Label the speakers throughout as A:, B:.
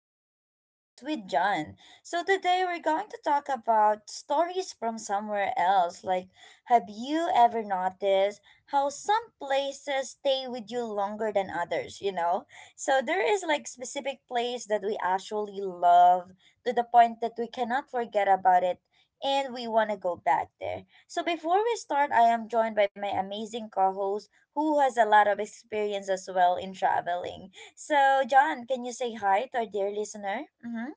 A: another podcast with John. So today we're going to talk about stories from somewhere else. Like, have you ever noticed how some places stay with you longer than others, you know? So there is like specific place that we actually love to the point that we cannot forget about it, and we want to go back there. So before we start, I am joined by my amazing co-host who has a lot of experience as well in traveling. So, John, can you say hi to our dear listener? Mm-hmm.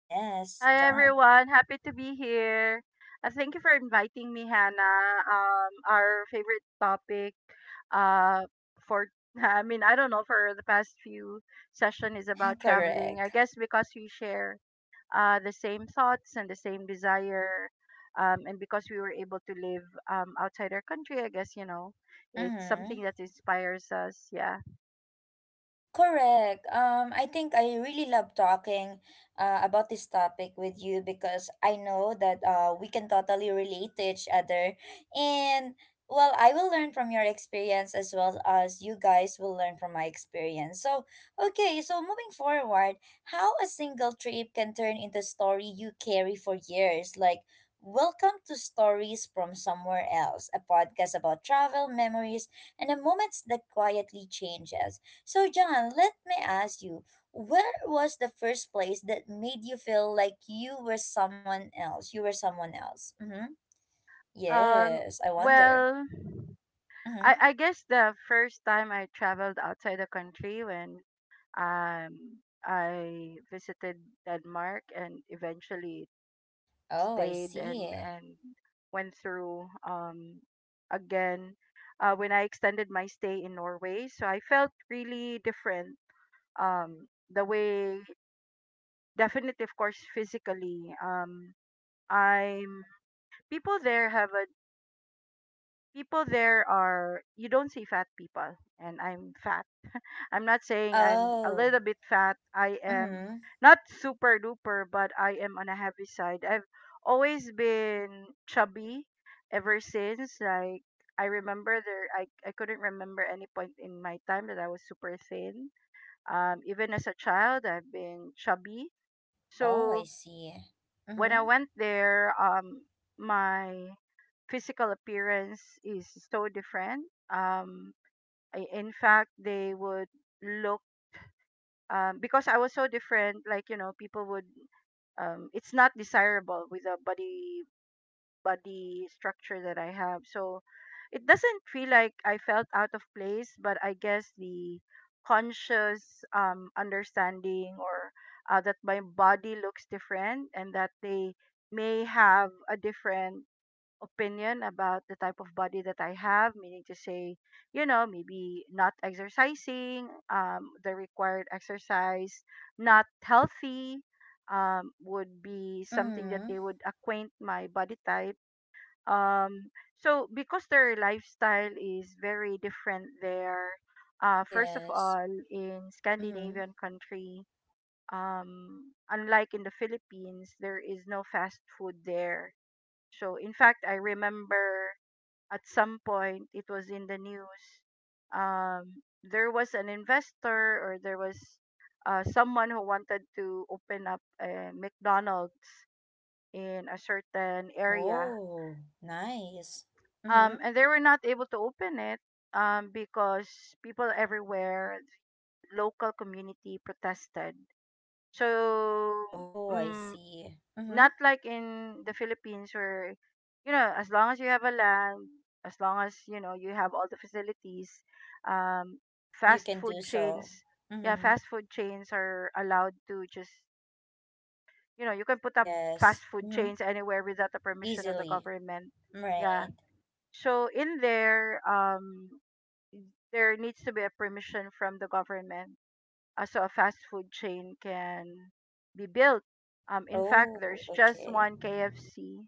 A: Yes,
B: Hi
A: John.
B: everyone, happy to be here. Thank you for inviting me, Hannah. Our favorite topic, uh, for I don't know, for the past few session is about traveling. I
A: Correct.
B: guess because we share the same thoughts and the same desire, and because we were able to live outside our country, I guess it's
A: Mm-hmm.
B: something that inspires us. Yeah.
A: Correct. I think I really love talking about this topic with you because I know that we can totally relate to each other. And well, I will learn from your experience as well as you guys will learn from my experience. So, okay, so moving forward, how a single trip can turn into a story you carry for years. Like, welcome to Stories from Somewhere Else, a podcast about travel, memories, and the moments that quietly changes. So, John, let me ask you, where was the first place that made you feel like you were someone else? You were someone else. Mm-hmm.
B: Um.
A: Yes, I wonder.
B: Well.
A: Mm-hmm.
B: I guess the first time I traveled outside the country when um I visited Denmark and eventually
A: Oh, I
B: stayed and
A: see.
B: and went through again when I extended my stay in Norway. So I felt really different. The way definitely, of course, physically. I'm people there have a People there are, you don't see fat people, and I'm not saying I'm a
A: Oh.
B: little bit fat. I am
A: Mm-hmm.
B: not super duper, but I am on a heavy side. I've always been chubby ever since. I remember there, I couldn't remember any point in my time that I was super thin. Even as a child, I've been chubby.
A: Oh,
B: So
A: I see.
B: when I
A: Mm-hmm.
B: went there, my physical appearance is so different. Um, I, in fact, they would look, because I was so different, people would. It's not desirable with a body structure that I have. So it doesn't feel like I felt out of place, but I guess the conscious understanding or that my body looks different and that they may have a different opinion about the type of body that I have, meaning to say, maybe not exercising, the required exercise, not healthy, would be something that
A: Mm-hmm.
B: they would acquaint my body type. Um, so because their lifestyle is very different there, first of
A: Yes.
B: all, in
A: Mm-hmm.
B: Scandinavian country, unlike in the Philippines, there is no fast food there. So in fact, I remember at some point it was in the news, there was an investor, or there was someone who wanted to open up a mcdonald's in a certain area,
A: Oh, nice. Mm-hmm.
B: and they were not able to open it, because people everywhere, local community, protested. So
A: Oh, I
B: mm
A: see. Mm-hmm.
B: not like in the Philippines where, as long as you have a land, as long as, you have all the facilities, um,
A: You
B: fast
A: can do
B: food chains,
A: so.
B: yeah,
A: Mm-hmm.
B: fast food chains are allowed to just, you can put up fast
A: Yes.
B: food
A: Mm-hmm.
B: chains anywhere without the permission of the
A: Easily.
B: government. Yeah.
A: Right.
B: So in there, there needs to be a permission from the government, so a fast food chain can be built. In fact,
A: Oh,
B: there's just
A: okay.
B: one KFC,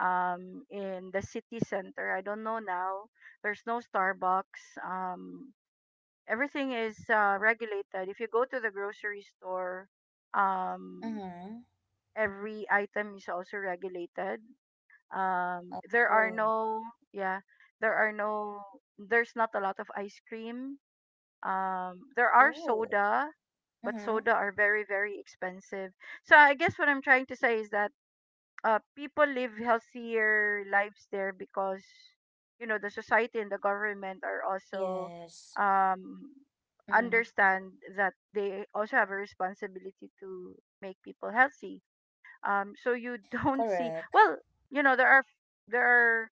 B: in the city center. I don't know now. There's no Starbucks. Everything is regulated. If you go to the grocery store, um,
A: Mm-hmm.
B: every item is also regulated. There are
A: Oh,
B: no, yeah, there are no, there's not a lot of ice cream. There are
A: ooh.
B: soda, but
A: Mm-hmm.
B: soda are very, very expensive. So I guess what I'm trying to say is that, people live healthier lives there because the society and the government are also,
A: Yes.
B: um,
A: Mm-hmm.
B: understand that they also have a responsibility to make people healthy. So you don't see,
A: Correct.
B: well, there are there are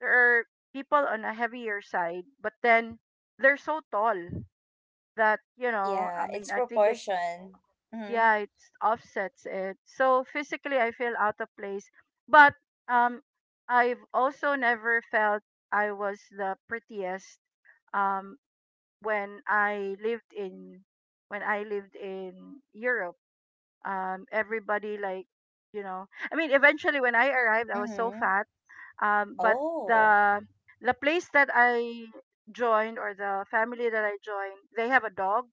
B: there are people on a heavier side, but then they're so tall that,
A: Yeah, it's
B: I think it,
A: proportion. Mm-hmm.
B: yeah, it offsets it. So physically I feel out of place, but um I've also never felt I was the prettiest. um when I lived in, when I lived in Europe, everybody, you know eventually, when I arrived, I was so
A: Mm-hmm.
B: fat, but
A: Oh.
B: the the place that I joined, or the family that I joined, they have a dog.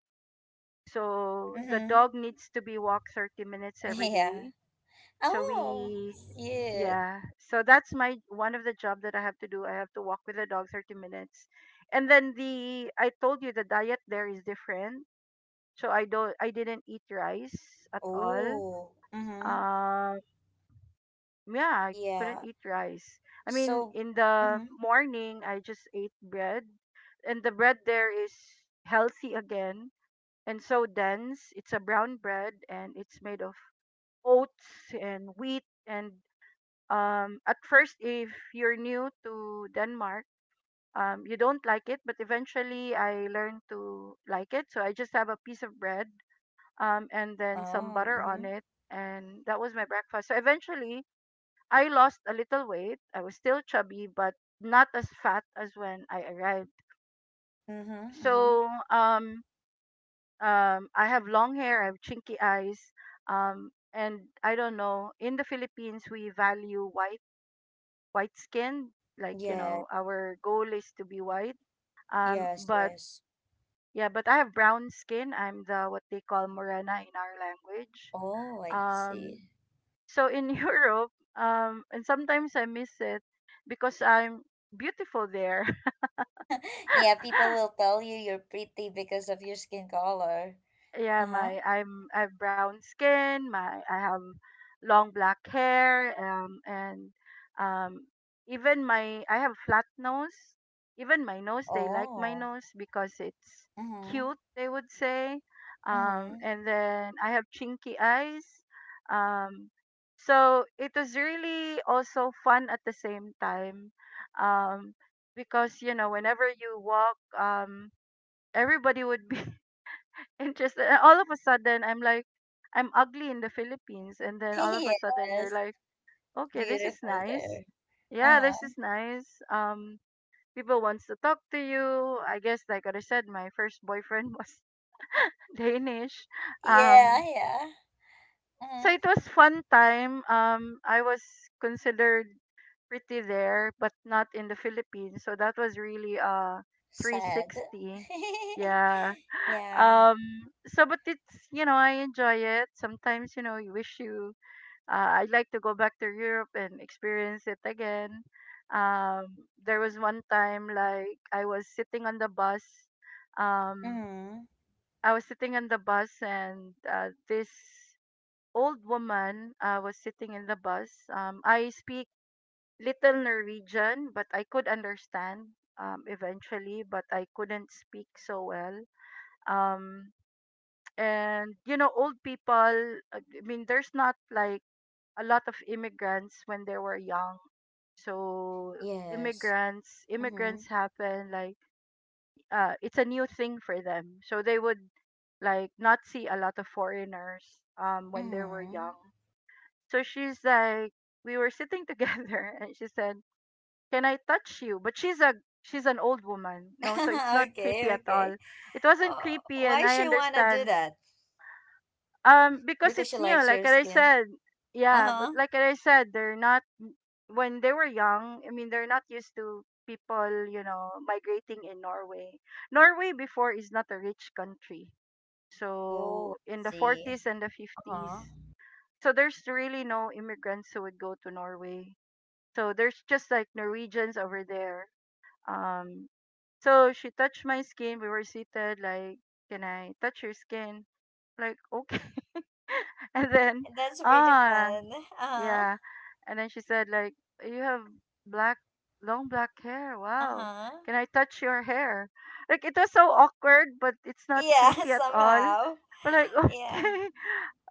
B: So the
A: Mm-hmm.
B: dog needs to be walked 30 minutes every
A: Yeah.
B: day. So
A: Oh,
B: we
A: cute.
B: Yeah, so that's my one of the job that I have to do. I have to walk with the dog 30 minutes. And then the I told you the diet there is different. So I didn't eat rice at all.
A: Oh. Mm-hmm.
B: Um yeah, I couldn't
A: Yeah.
B: eat rice.
A: So,
B: In the
A: mm-hmm.
B: morning, I just ate bread, and the bread there is healthy again and so dense. It's a brown bread and it's made of oats and wheat, and at first, if you're new to Denmark, you don't like it, but eventually I learned to like it. So I just have a piece of bread, and then some
A: Oh,
B: butter
A: mm-hmm.
B: on it, and that was my breakfast. So eventually I lost a little weight. I was still chubby, but not as fat as when I arrived.
A: Mm-hmm. Mm-hmm.
B: so um, I have long hair, I have chinky eyes, and I don't know, in the Philippines, we value white skin.
A: Yeah.
B: Our goal is to be white. Um,
A: Yes,
B: but
A: yes.
B: yeah, but I have brown skin. I'm the, what they call, morena in our language.
A: Oh, I see.
B: Um, so in Europe, and sometimes I miss it because I'm beautiful there.
A: Yeah, people will tell you you're pretty because of your skin color. Uh
B: Yeah,
A: huh.
B: my I'm I have brown skin, my I have long black hair, and um even my I have flat nose, even my nose, they like my
A: Oh.
B: nose because it's
A: Mhm.
B: cute, they would say.
A: Mhm.
B: And then I have chinky eyes. um so it was really also fun at the same time, um because whenever you walk, everybody would be interested. And all of a sudden I'm like, I'm ugly in the Philippines, and then all of a sudden you're
A: Yes.
B: like, okay, this is
A: Beautiful
B: nice.
A: there.
B: Yeah,
A: Uh
B: this
A: huh.
B: is nice. um People wants to talk to you. I guess, like I said, my first boyfriend was Danish.
A: Yeah.
B: um
A: Yeah.
B: so
A: Mhm.
B: it was fun time. I was considered pretty there, but not in the Philippines. So that was really
A: Sad.
B: 360. Yeah.
A: Yeah.
B: Um so but it's, I enjoy it. Sometimes, you wish you, I'd like to go back to Europe and experience it again. There was one time, like I was sitting on the bus. Um
A: Mhm.
B: I was sitting on the bus, and this old woman, was sitting in the bus. I speak little Norwegian, but I could understand, eventually, but I couldn't speak so well. Um, and old people, there's not like a lot of immigrants when they were young. So
A: Yes.
B: immigrants
A: Mhm.
B: immigrants happen like, it's a new thing for them, so they would like not see a lot of foreigners when they were
A: Mhm.
B: young. So she's like, we were sitting together, and she said, can I touch you? But she's an old woman, no, so it's not creepy
A: Okay.
B: at
A: Okay.
B: all. It wasn't creepy, and
A: Why
B: I
A: she wanna do
B: understand.
A: that?
B: Because
A: Because she
B: it's new,
A: likes
B: like
A: your
B: I
A: skin.
B: said,
A: Uh
B: yeah, but
A: huh.
B: like I said, they're not, when they were young. They're not used to people, migrating in Norway. Norway before is not a rich country,
A: Oh. I
B: so in the
A: see.
B: 40s and the
A: Uh
B: 50s,
A: huh.
B: so there's really no immigrants who would go to Norway. So there's just like Norwegians over there. um so she touched my skin. We were seated, like, can I touch your skin? Like, okay. And then,
A: That's really
B: ah,
A: fun. Uh-huh.
B: yeah. And then she said, like, you have black, long black hair. Wow.
A: Uh-huh.
B: Can I touch your hair? Like, it was so awkward, but it's not
A: Yeah,
B: creepy at all.
A: somehow.
B: We're like,
A: Yeah.
B: okay.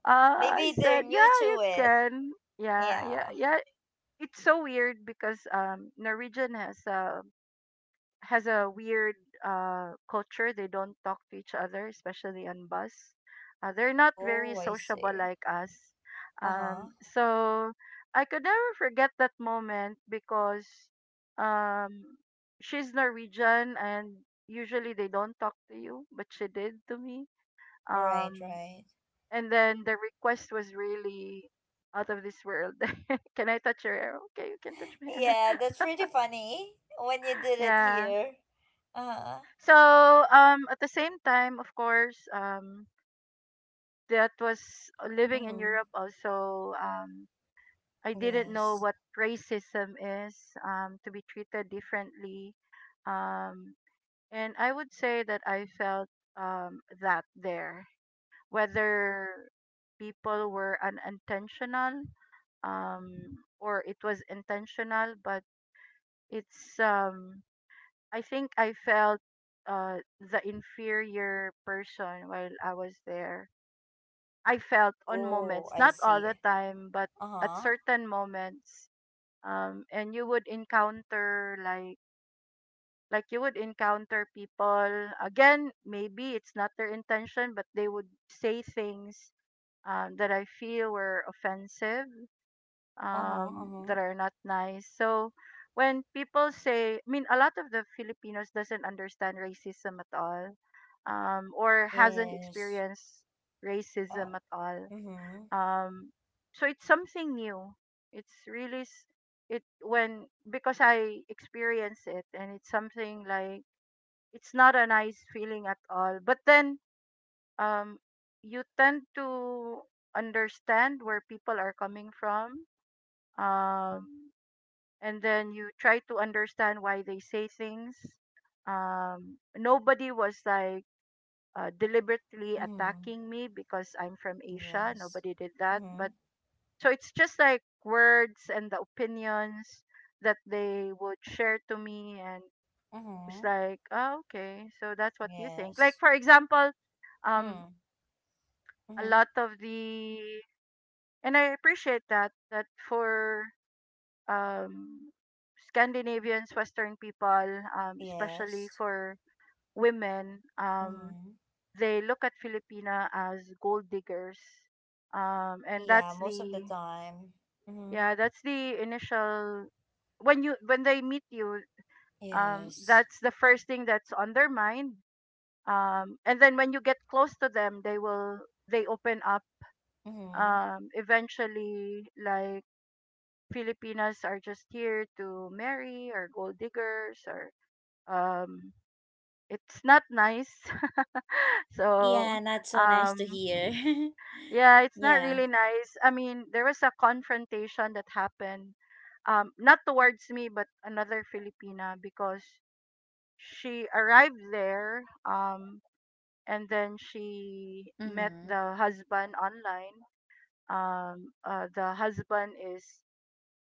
B: I
A: Maybe they're
B: said,
A: new
B: yeah, you
A: to it.
B: can. Yeah, yeah,
A: Yeah.
B: yeah. It's so weird because Norwegian has a, weird culture. They don't talk to each other, especially on bus. They're not very
A: Oh, I
B: sociable
A: see.
B: like us.
A: Uh-huh.
B: So I could never forget that moment because, um, she's Norwegian and usually they don't talk to you, but she did to me.
A: Right,
B: Um,
A: right.
B: and then the request was really out of this world. Can I touch your hair? Okay, you can touch my hair.
A: Yeah, that's pretty funny when you did it
B: Yeah.
A: here. Uh-huh.
B: So, at the same time, of course, that was living in
A: Mm-hmm.
B: Europe also. I didn't know
A: Yes.
B: what racism is, to be treated differently. Um, and I would say that I felt, that there, whether people were unintentional, or it was intentional, but it's I think I felt the inferior person while I was there. I felt on
A: Oh,
B: moments,
A: I
B: not all the
A: see.
B: time, but at
A: Uh-huh.
B: certain moments. And you would encounter like, you would encounter people again. Maybe it's not their intention, but they would say things, that I feel were offensive,
A: Uh-huh. Uh-huh.
B: that are not nice. So when people say, a lot of the Filipinos doesn't understand racism at all, or hasn't
A: Yes.
B: experienced
A: Uh,
B: racism at all.
A: mm-hmm.
B: Um, so it's something new. It's really it when because I experience it, and it's something like it's not a nice feeling at all. But then um, you tend to understand where people are coming from. Um, and then you try to understand why they say things. Nobody was like deliberately
A: Mm-hmm.
B: attacking me because I'm from Asia.
A: Yes.
B: Nobody did that. But
A: Mm-hmm.
B: so it's just like words and the opinions that they would share to me. And it's
A: Mm-hmm.
B: like, oh, okay. So that's what you think. Like,
A: Yes.
B: for example, um,
A: Hmm.
B: a
A: Mm-hmm.
B: lot of the, and I appreciate that, that for, um, Scandinavians, Western people, especially
A: Yes.
B: for women,
A: Mm-hmm.
B: they look at Filipina as gold diggers. And that's
A: Yeah, most of
B: the,
A: the time. Mm-hmm.
B: yeah, that's the initial, when you when they meet you,
A: Yes.
B: that's the first thing that's on their mind. And then when you get close to them, they open up.
A: Mm-hmm.
B: Eventually, like, Filipinas are just here to marry or gold diggers or um, it's not nice. so
A: Yeah, not so nice to
B: um,
A: hear.
B: yeah, it's not
A: Yeah.
B: really nice. I mean, there was a confrontation that happened, not towards me, but another Filipina because she arrived there, and then she met
A: Mm-hmm.
B: the husband online. The husband is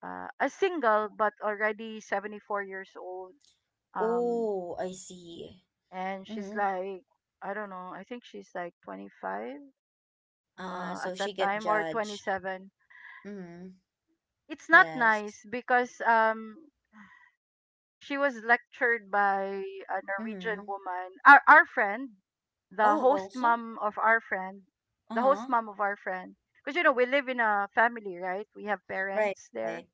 B: a single but already 74 years old. Um,
A: Oh, I see.
B: and she's
A: Mm-hmm.
B: like, I don't know, I think she's like 25, at
A: So
B: that
A: she get
B: time, or
A: judged.
B: 27.
A: Mm-hmm.
B: It's not
A: Yes.
B: nice because she was lectured by a Norwegian
A: Mm-hmm.
B: woman. Our friend, the
A: Oh,
B: host
A: also?
B: mom of our friend, the host
A: Uh-huh.
B: mom of our friend. Because you know we live in a family, right? We have
A: Right,
B: parents there.
A: right.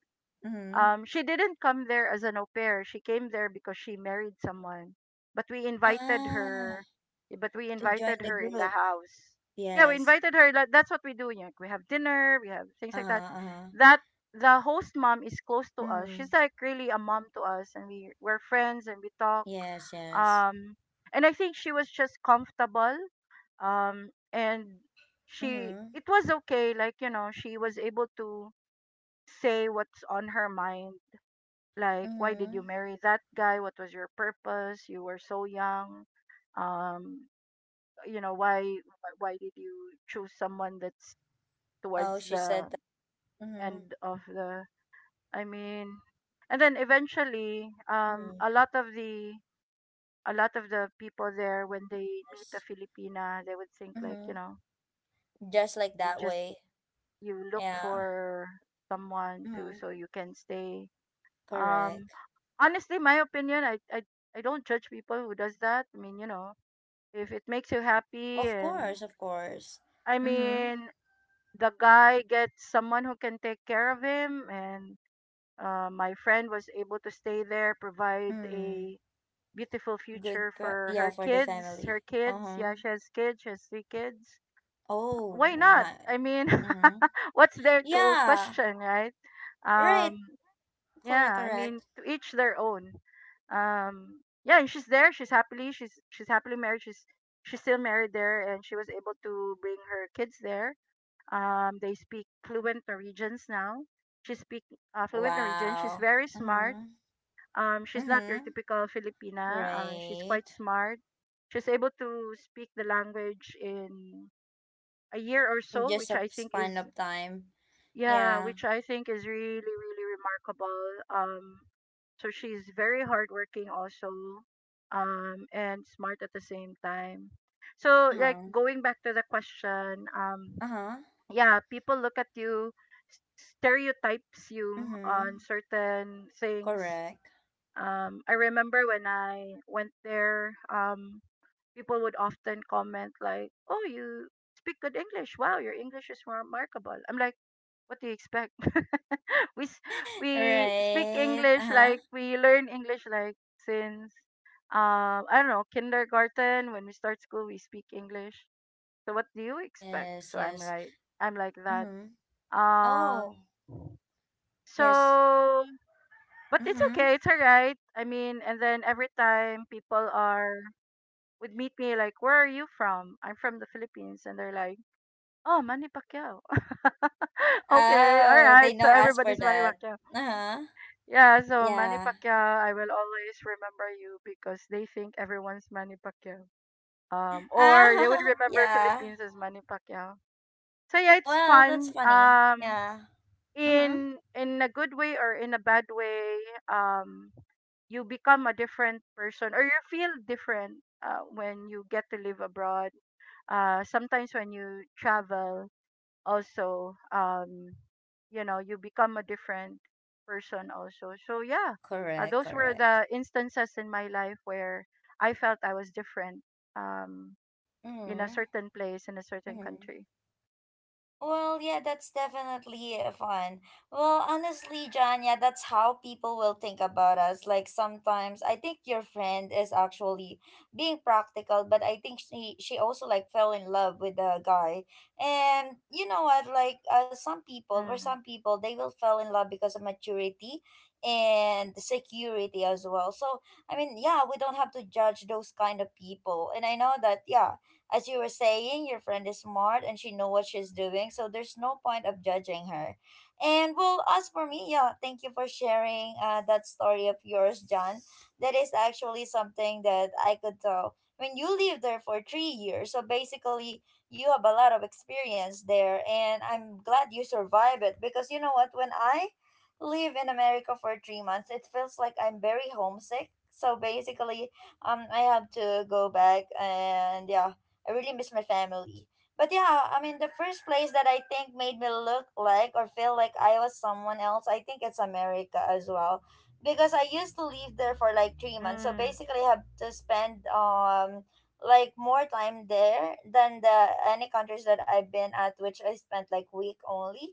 A: Mm-hmm.
B: She didn't come there as an au pair. She came there because she married someone. But we invited
A: Ah,
B: her. eh, But we
A: to join
B: invited
A: the
B: her in the
A: group.
B: house. Yeah, we
A: Yes.
B: invited her. That's what we do. Like, we have dinner. We have things like that.
A: Uh-huh, uh-huh.
B: That, the host mom is close to us. She's
A: Mm.
B: like really a mom to us, and we're friends and we talk.
A: Yes, yes.
B: Um, and I think she was just comfortable. And she
A: Mm-hmm.
B: it was okay. Like, you know, she was able to say what's on her mind. Like, why did you
A: Mm-hmm.
B: marry that guy? What was your purpose? You were so young. um you know, why did you choose someone that's towards
A: Oh, she
B: the
A: said that. Mm-hmm.
B: end of the, i mean and then eventually
A: Mm-hmm.
B: a lot of the people there, when they meet a
A: Yes.
B: Filipina, they would think like, you
A: Mm-hmm.
B: know,
A: Just like
B: you
A: that
B: just
A: way.
B: you look
A: Yeah.
B: for someone to, so
A: Mm-hmm.
B: you can stay. Um,
A: Correct.
B: honestly, my opinion, I don't judge people who does that. I mean, you know, if it makes you happy,
A: Of
B: and
A: course, of course.
B: I
A: Mm-hmm.
B: mean, the guy gets someone who can take care of him, and my friend was able to stay there, provide
A: Mm.
B: a beautiful
A: Good.
B: future
A: Pa-
B: for
A: yeah,
B: her
A: for the
B: kids.
A: family.
B: Her kids, yeah,
A: Uh-huh.
B: she has kids. She has three kids. Why
A: Oh,
B: not? I
A: nice.
B: mean,
A: Mm-hmm.
B: what's there to
A: Yeah.
B: question, right?
A: Right.
B: Um, Yeah,
A: Correct,
B: I mean,
A: correct.
B: to each their own. Yeah, and she's there. She's happily married. She's still married there, and she was able to bring her kids there. They speak fluent Norwegians now. She speak fluent Norwegian. She's
A: Wow.
B: very smart.
A: Mm-hmm.
B: She's not your
A: Mm-hmm.
B: typical Filipina. She's quite
A: Right.
B: smart. She's able to speak the language in a year or
A: In
B: so,
A: just
B: which
A: a
B: I think
A: span
B: is,
A: of time.
B: yeah,
A: Yeah.
B: which I think is really, really remarkable. Um, so she's very hardworking also, and smart at the same time. So, like,
A: Uh-huh.
B: going back to the question,
A: Uh-huh.
B: yeah, people look at you, stereotypes you
A: Mm-hmm.
B: on certain things.
A: Correct.
B: I remember when I went there, people would often comment like, "Oh, you speak good English. Wow, your English is remarkable." I'm like, what do you expect? we s- we speak
A: Right.
B: English,
A: Uh-huh.
B: like, we learn English like since, I don't know, kindergarten. When we start school, we speak English. So what do you expect?
A: Yes,
B: So I'm
A: yes.
B: like, I'm like that.
A: Mm-hmm.
B: Um.
A: Oh, yes.
B: So, but it's
A: Mm-hmm.
B: okay. It's alright. I mean, and then every time people are would meet me like, "Where are you from?" I'm from the Philippines, and they're like, "Oh, Manny Pacquiao." Okay, all
A: Oh,
B: right.
A: they
B: So
A: know us for
B: everybody's Manny
A: that.
B: Pacquiao.
A: Uh-huh.
B: Yeah, so Manny
A: Yeah.
B: Pacquiao, I will always remember you because they think everyone's Manny Pacquiao. Or they would
A: Ah,
B: remember
A: yeah.
B: Philippines as Manny Pacquiao. So yeah, it's
A: Well, that's
B: fun.
A: funny. Yeah. Mm-hmm.
B: In a good way or in a bad way, um, you become a different person or you feel different when you get to live abroad. Sometimes when you travel, also, you know, you become a different person also, so yeah,
A: Correct,
B: those were
A: correct.
B: the instances in my life where I felt I was different um in a
A: Mm-hmm.
B: certain place, in a certain
A: Mm-hmm.
B: country.
A: Well, yeah, that's definitely fun. Well, honestly, John, yeah, that's how people will think about us. Like sometimes I think your friend is actually being practical, but I think she also like fell in love with the guy. And you know what? Like some people, for some
B: mm,
A: people, they will fall in love because of maturity and security as well. So, I mean, yeah, we don't have to judge those kind of people. And I know that, yeah, as you were saying, your friend is smart and she know what she's doing, so there's no point of judging her. And well, as for me, yeah, thank you for sharing that story of yours, John. That is actually something that I could tell. When you live there for 3 years, so basically you have a lot of experience there, and I'm glad you survive it because you know what? When I live in America for 3 months, it feels like I'm very homesick. So basically, I have to go back and, yeah, I really miss my family. But yeah, I mean, the first place that I think made me look like or feel like I was someone else, I think it's America as well. Because I used to live there for like 3 months. So
B: mm,
A: basically, I have to spend like more time there than the any countries that I've been at, which I spent like week only.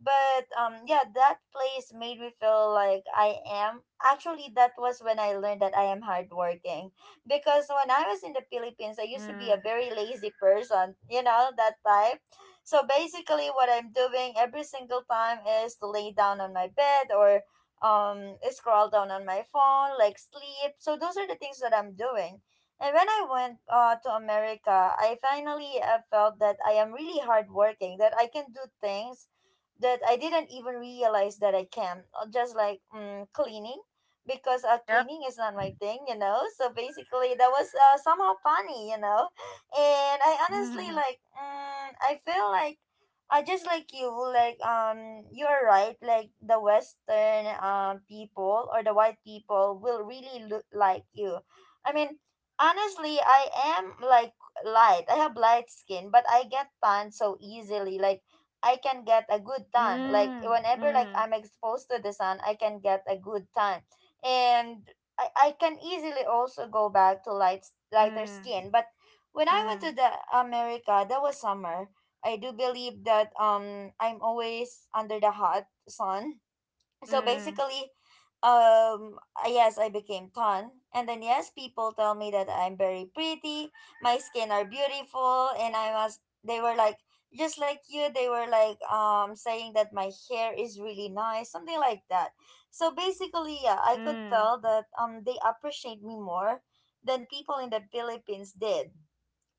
A: But yeah, that place made me feel like I am. Actually, that was when I learned that I am hardworking because when I was in the Philippines, I used to be a
B: mm,
A: very lazy person, you know, that type. So basically, what I'm doing every single time is to lay down on my bed or scroll down on my phone, like sleep. So those are the things that I'm doing. And when I went to America, I finally felt that I am really hardworking, that I can do things that I didn't even realize that I can, cleaning because
B: yep.
A: cleaning is not my thing, you know. So basically, that was somehow funny, you know. And I honestly
B: mm,
A: like, I feel like, I just like you, like you're right. Like the Western people or the white people will really look like you. I mean, honestly, I am like light. I have light skin, but I get tan so easily. Like. I can get a good tan. Like
B: mm,
A: whenever like
B: mm,
A: I'm exposed to the sun, I can get a good tan, and I can easily also go back to lighter
B: mm,
A: skin. But when I went to
B: mm,
A: the America, that was summer. I do believe that I'm always under the hot sun, so
B: mm,
A: basically yes, I became tan, and then yes, people tell me that I'm very pretty, my skin are beautiful, and I was, they were like just like you, they were like saying that my hair is really nice, something like that. So basically, yeah, I could tell
B: mm.
A: that they appreciate me more than people in the Philippines did.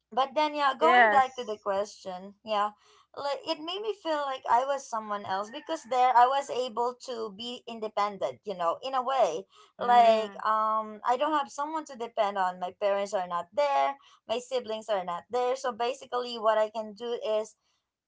A: But then yeah, going
B: Yes.
A: back to the question, yeah, like it made me feel like I was someone else because there I was able to be independent, you know, in a way. Like
B: mm,
A: I don't have someone to depend on, my parents are not there, my siblings are not there, so basically what I can do is,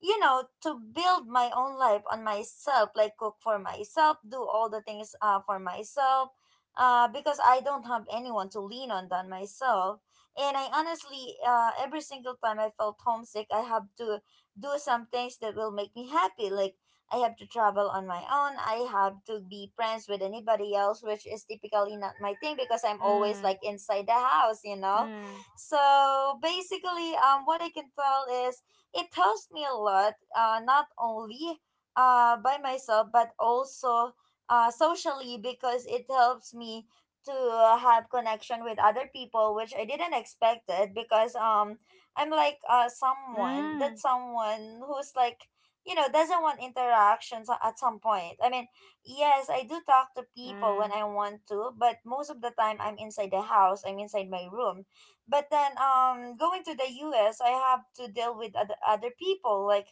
A: you know, to build my own life on myself, like cook for myself, do all the things for myself, because I don't have anyone to lean on than myself. And I honestly, every single time I felt homesick, I have to do some things that will make me happy. Like, I have to travel on my own. I have to be friends with anybody else, which is typically not my thing because I'm always
B: mm,
A: like inside the house, you know?
B: mm,
A: So basically, what I can tell is it helps me a lot, not only by myself, but also socially, because it helps me to have connection with other people, which I didn't expect it because I'm like someone that
B: mm,
A: someone who's like, you know, doesn't want interactions at some point. I mean, yes, I do talk to people when
B: mm.
A: I want to, but most of the time I'm inside the house, I'm inside my room. But then going to the U.S. I have to deal with other people. Like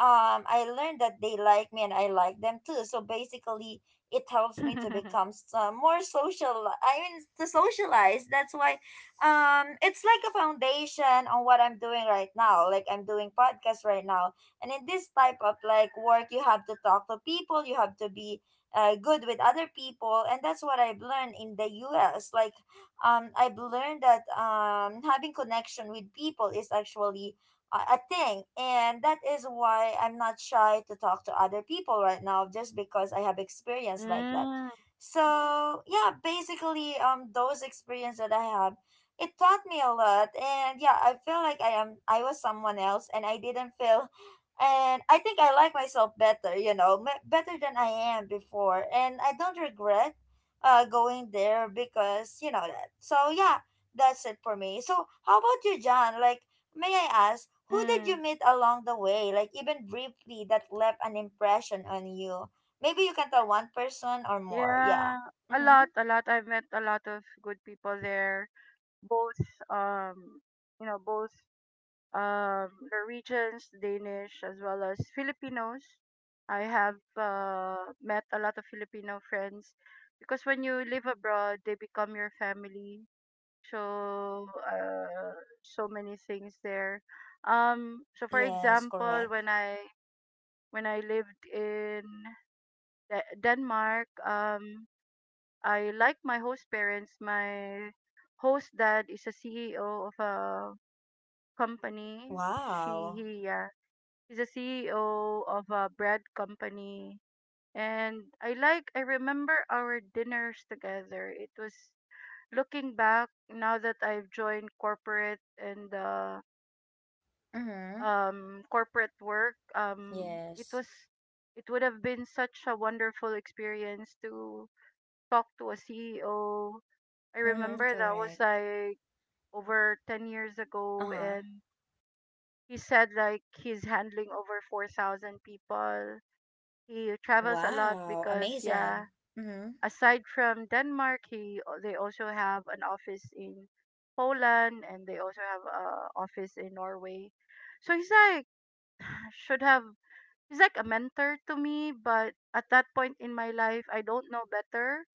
A: I learned that they like me and I like them too. So basically, it helps me to
B: mm.
A: become more social, I mean, to socialize. That's why it's like a foundation on what I'm doing right now. Like I'm doing podcast right now, and in this type of like work, you have to talk to people, you have to be good with other people, and that's what I've learned in the US. Like I've learned that having connection with people is actually a thing, and that is why I'm not shy to talk to other people right now, just because I have experience like that.
B: Mm.
A: So yeah, basically those experience that I have, it taught me a lot. And yeah, I feel like I am, I was someone else, and I didn't feel, and I think I like myself better, you know, better than I am before. And I don't regret going there because you know that. So yeah, that's it for me. So how about you, John? Like, may I ask, who did
B: Mm.
A: you meet along the way, like even briefly, that left an impression on you? Maybe you can tell one person or more. Yeah.
B: Yeah, a
A: Mm-hmm.
B: lot, a lot. I've met a lot of good people there. Both, um, you know, both Norwegians, Danish, as well as Filipinos. I have met a lot of Filipino friends because when you live abroad, they become your family. So so many things there. So for
A: Yes,
B: example,
A: correct.
B: when I lived in Denmark, I like my host parents. My host dad is a CEO of a company.
A: Wow.
B: Yeah. He's a CEO of a bread company. And I like, I remember our dinners together. It was, looking back now that I've joined corporate and
A: Mm-hmm.
B: corporate work. It
A: Yes.
B: was, it would have been such a wonderful experience to talk to a CEO. I
A: Mm-hmm,
B: remember that was
A: correct.
B: like over 10 years ago,
A: Uh-huh.
B: and he said like he's handling over 4,000 people. He travels a lot
A: Wow,
B: because,
A: amazing.
B: yeah,
A: Mm-hmm.
B: aside from Denmark, he they also have an office in Poland, and they also have a office in Norway. So he's like, should have he's like a mentor to me, but at that point in my life, I don't know better.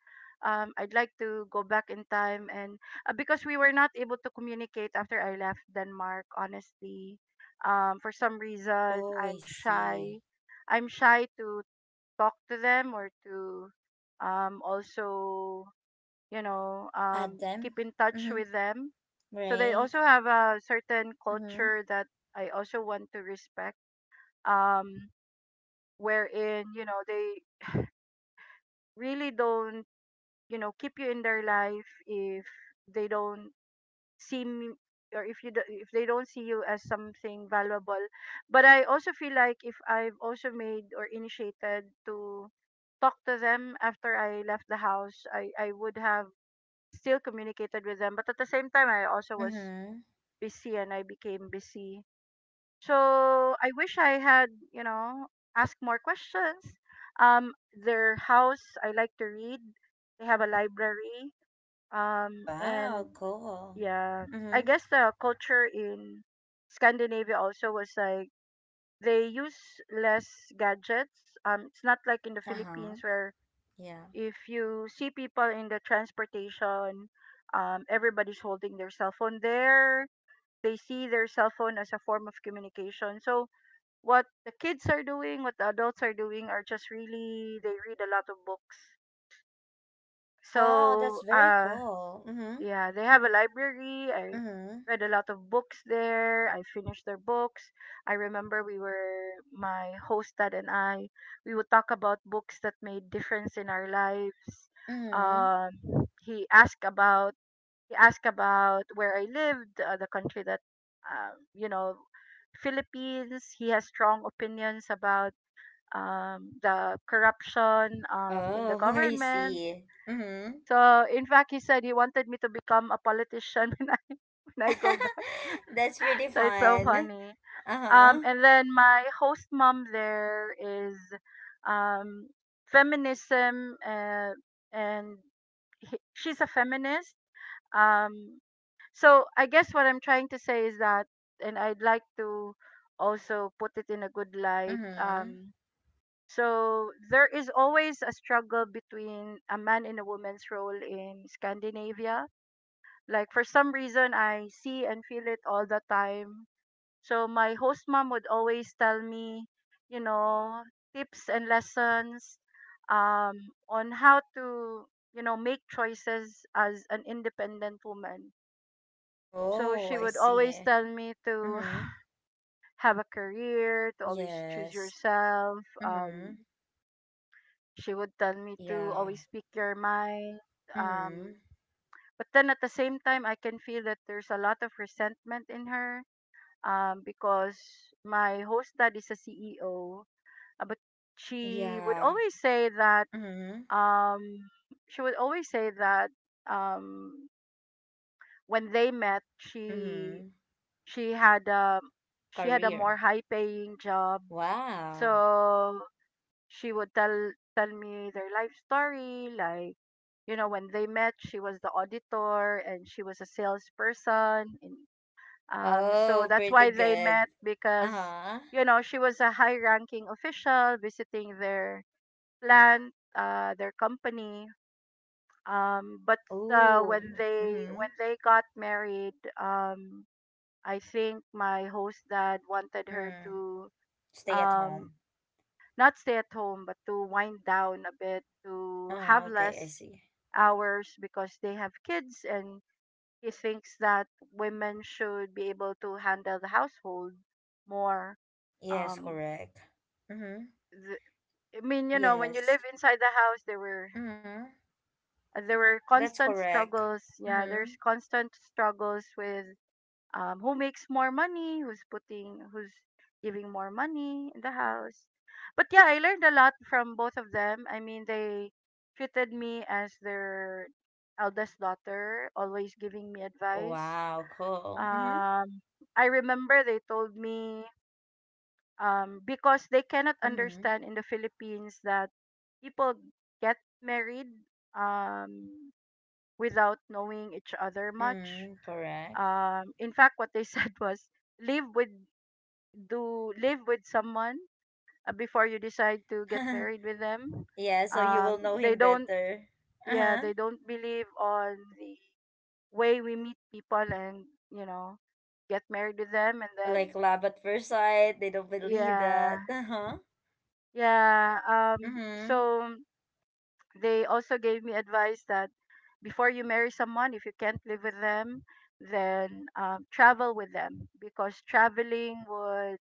B: Um, I'd like to go back in time, and because we were not able to communicate after I left Denmark, honestly. Um, for some reason,
A: Oh, I see.
B: I'm shy to talk to them, or to also, you know,
A: Adam.
B: keep in touch
A: Mm-hmm.
B: with them. So they
A: Right.
B: also have a certain
A: Mm-hmm.
B: culture that I also want to respect, um wherein, you know, they really don't, you know, keep you in their life if they don't see me or if you do, if they don't see you as something valuable. But I also feel like if I've also made or initiated to talk to them after I left the house, I would have still communicated with them. But at the same time, I also was
A: Mm-hmm.
B: busy, and I became busy. So I wish I had, you know, asked more questions. Their house, I like to read. They have a library.
A: Wow,
B: And
A: cool.
B: yeah, I
A: Mm-hmm.
B: guess the culture in Scandinavia also was like they use less gadgets. It's not like in the
A: Uh-huh.
B: Philippines, where
A: Yeah.
B: if you see people in the transportation, everybody's holding their cell phone there. They see their cell phone as a form of communication. So what the kids are doing, what the adults are doing, are just really, they read a lot of books.
A: Wow, that's
B: So,
A: very
B: uh,
A: cool. Mm-hmm.
B: yeah, they have a library. I
A: Mm-hmm.
B: read a lot of books there. I finished their books. I remember we were my host dad and I, we would talk about books that made difference in our lives.
A: Mm-hmm.
B: Um he asked about he asked about where I lived, the country that, you know, Philippines. He has strong opinions about the corruption in the
A: Oh, I
B: government.
A: see. Mm-hmm.
B: So in fact, he said he wanted me to become a politician when I go back.
A: That's pretty
B: So it's so
A: fun.
B: funny.
A: Uh-huh.
B: And then my host mom there is, um, feminism, and she's a feminist. Um, so I guess what I'm trying to say is that, and I'd like to also put it in a good light.
A: Mm-hmm.
B: So there is always a struggle between a man and a woman's role in Scandinavia. Like, for some reason, I see and feel it all the time. So my host mom would always tell me, you know, tips and lessons um, on how to, you know, make choices as an independent woman. So
A: Oh,
B: she
A: I
B: would always
A: see.
B: tell me to
A: Mm-hmm.
B: have a career, to always choose
A: Yes.
B: yourself.
A: Mm-hmm.
B: Um, She would tell me
A: Yeah.
B: to always speak your mind.
A: Mm-hmm.
B: Um, but then at the same time, I can feel that there's a lot of resentment in her, because my host dad is a CEO. But she would
A: Yeah.
B: always say that
A: Mm-hmm.
B: um, she would always say that um, when they met, she
A: Mm-hmm.
B: she had a she had a more
A: Career.
B: high paying job.
A: Wow.
B: So she would tell me their life story, like you know, when they met, she was the auditor and she was a salesperson. And um so
A: Oh,
B: that's
A: pretty
B: why they
A: good.
B: met, because
A: Uh-huh.
B: you know, she was a high ranking official visiting their plant, their company. Um but uh, when
A: Ooh.
B: they
A: Mm-hmm.
B: when they got married, I think my host dad wanted her
A: Mm.
B: to,
A: Stay at
B: um
A: home.
B: not stay at home, but to wind down a bit, to have
A: Oh, okay, I
B: less
A: see.
B: hours, because they have kids, and he thinks that women should be able to handle the household more.
A: Yes,
B: um
A: correct. Mm-hmm.
B: th- I mean, you know, when you
A: Yes.
B: live inside the house, there were
A: Mm-hmm.
B: there were
A: That's
B: constant
A: correct.
B: struggles. Yeah,
A: Mm-hmm.
B: there's constant struggles with, who makes more money, who's putting, who's giving more money in the house. But yeah, I learned a lot from both of them. I mean, they treated me as their eldest daughter, always giving me advice.
A: Wow, cool. Mm-hmm.
B: Um, I remember they told me, because they cannot
A: Mm-hmm.
B: understand in the Philippines that people get married, um, without knowing each other much.
A: Mm, correct.
B: In fact, what they said was live with do live with someone before you decide to get married with them.
A: Yeah, so you will know
B: They
A: him
B: don't,
A: better.
B: yeah,
A: Uh-huh.
B: they don't believe on the way we meet people and you know get married with them, and then
A: Like love at first sight, they don't believe
B: yeah,
A: that. Uh-huh.
B: yeah.
A: Mm-hmm.
B: So they also gave me advice that before you marry someone, if you can't live with them, then travel with them, because traveling would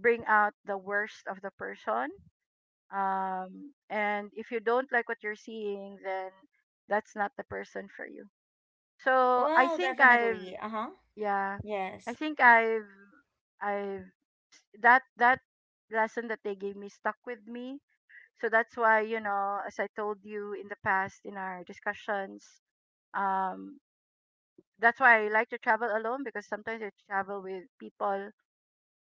B: bring out the worst of the person, and if you don't like what you're seeing, then that's not the person for you. So I
A: Well,
B: think I've
A: definitely. Uh-huh.
B: Yeah, i
A: Yes.
B: think i've i've that lesson that they gave me stuck with me. So that's why, you know, as I told you in the past in our discussions, um that's why I like to travel alone. Because sometimes I travel with people,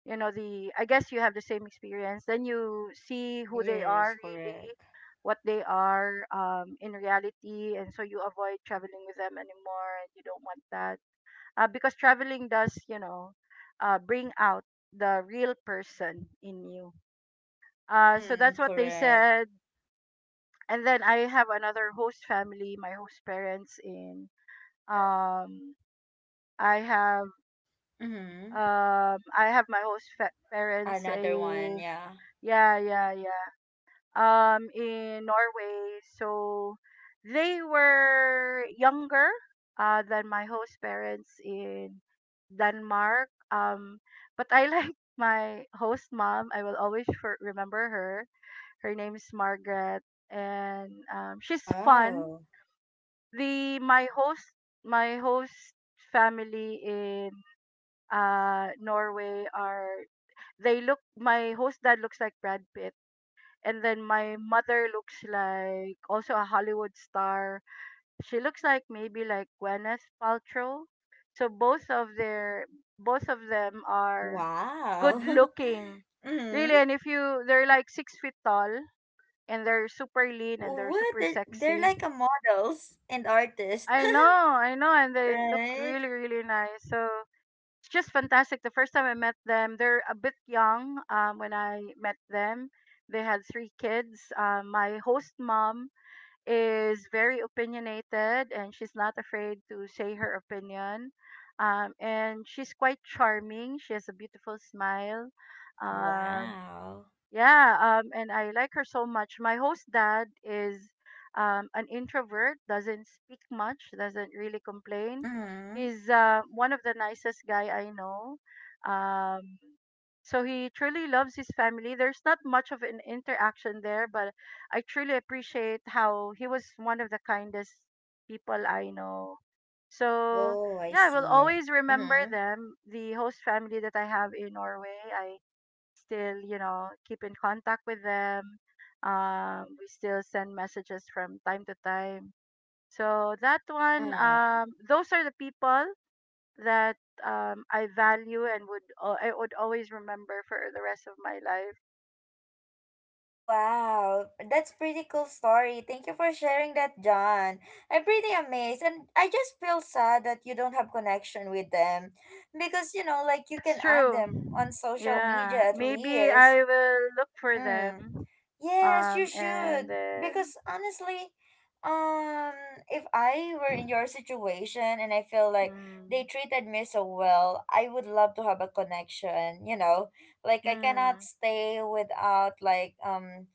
B: you know, the I guess you have the same experience, then you see who they are
A: Yes,
B: really,
A: correct.
B: what they are, in reality, and so you avoid traveling with them anymore and you don't want that. Because traveling does, you know, bring out the real person in you. So
A: Mm,
B: that's what they
A: correct.
B: said. And then I have another host family, my host parents in, um, i have
A: Mm-hmm.
B: I have my parents
A: Another
B: in,
A: one, yeah.
B: yeah, yeah, yeah. Um, in Norway. So they were younger than my host parents in Denmark. But I like my host mom. I will always remember her. Her name is Margaret, and she's fun.
A: Oh.
B: The My host family in Norway are, they look, my host dad looks like Brad Pitt, and then my mother looks like also a Hollywood star. She looks like maybe like Gwyneth Paltrow. So both of them are good
A: Wow.
B: looking.
A: Mm.
B: Really, and if you they're like 6 feet tall, and they're super lean and they're
A: What?
B: super
A: They're
B: sexy.
A: like a models and artists,
B: I know, and they look
A: right?
B: really, really nice. So it's just fantastic. The first time I met them, they're a bit young when I met them. They had three kids. My host mom is very opinionated, and she's not afraid to say her opinion. And she's quite charming. She has a beautiful smile. Um,
A: Wow.
B: yeah, and I like her so much. My host dad is an introvert, doesn't speak much, doesn't really complain.
A: Mm.
B: He's one of the nicest guy I know. Um, so he truly loves his family. There's not much of an interaction there, but I truly appreciate how he was one of the kindest people I know. So
A: Oh, I
B: yeah, I will
A: see.
B: always remember
A: Mm.
B: them, the host family that I have in Norway. Still, you know, keep in contact with them. We still send messages from time to time. So that one,
A: Mm.
B: those are the people that I value and would I would always remember for the rest of my life.
A: Wow, that's pretty cool story. Thank you for sharing that, John. I'm pretty amazed, and I just feel sad that you don't have connection with them, because you know, like you
B: That's
A: can add
B: true.
A: them on social
B: Yeah,
A: media at
B: maybe
A: least.
B: I will look for
A: Mm.
B: them.
A: Yes, you
B: And
A: should.
B: then,
A: Because honestly, um, if I were in your situation and I feel like they
B: mm,
A: treated me so well, I would love to have a connection, you know? Like I cannot
B: mm,
A: stay without like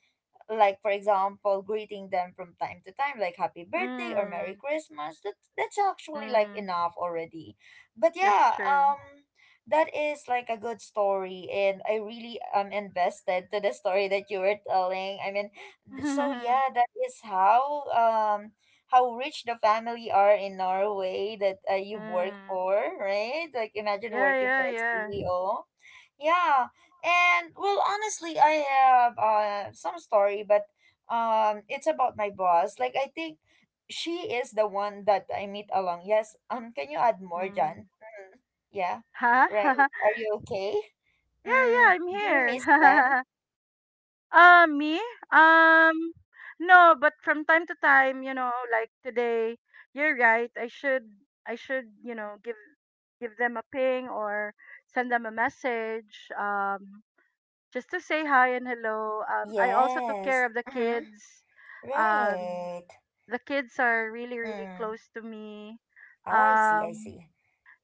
A: like for example greeting them from time to time, like happy birthday or
B: mm,
A: Merry Christmas, that that's actually like
B: mm,
A: enough already. But
B: that's
A: yeah,
B: true.
A: that is like a good story, and I really am invested to the story that you were telling. I mean, so
B: Mm,
A: yeah, that is how rich the family are in Norway that you work
B: yeah,
A: for, right? Like imagine working
B: yeah,
A: for a
B: yeah.
A: CEO. Yeah. And well, honestly, I have some story, but it's about my boss. Like, I think she is the one that I meet along. Yes. Can you add more,
B: Mm.
A: Jan? Mm, yeah.
B: Huh?
A: Right. Are you okay?
B: Yeah,
A: Mm,
B: yeah, I'm
A: do you miss them?
B: here. Uh, me? Um, no, but from time to time, you know, like today, you're right. I should, you know, give them a ping or send them a message, just to say hi and hello. I also took care
A: Yes.
B: of the
A: Mm-hmm.
B: kids. Um,
A: Right.
B: the kids are really, really
A: Mm.
B: close to me.
A: Oh, I see. I
B: Um,
A: see.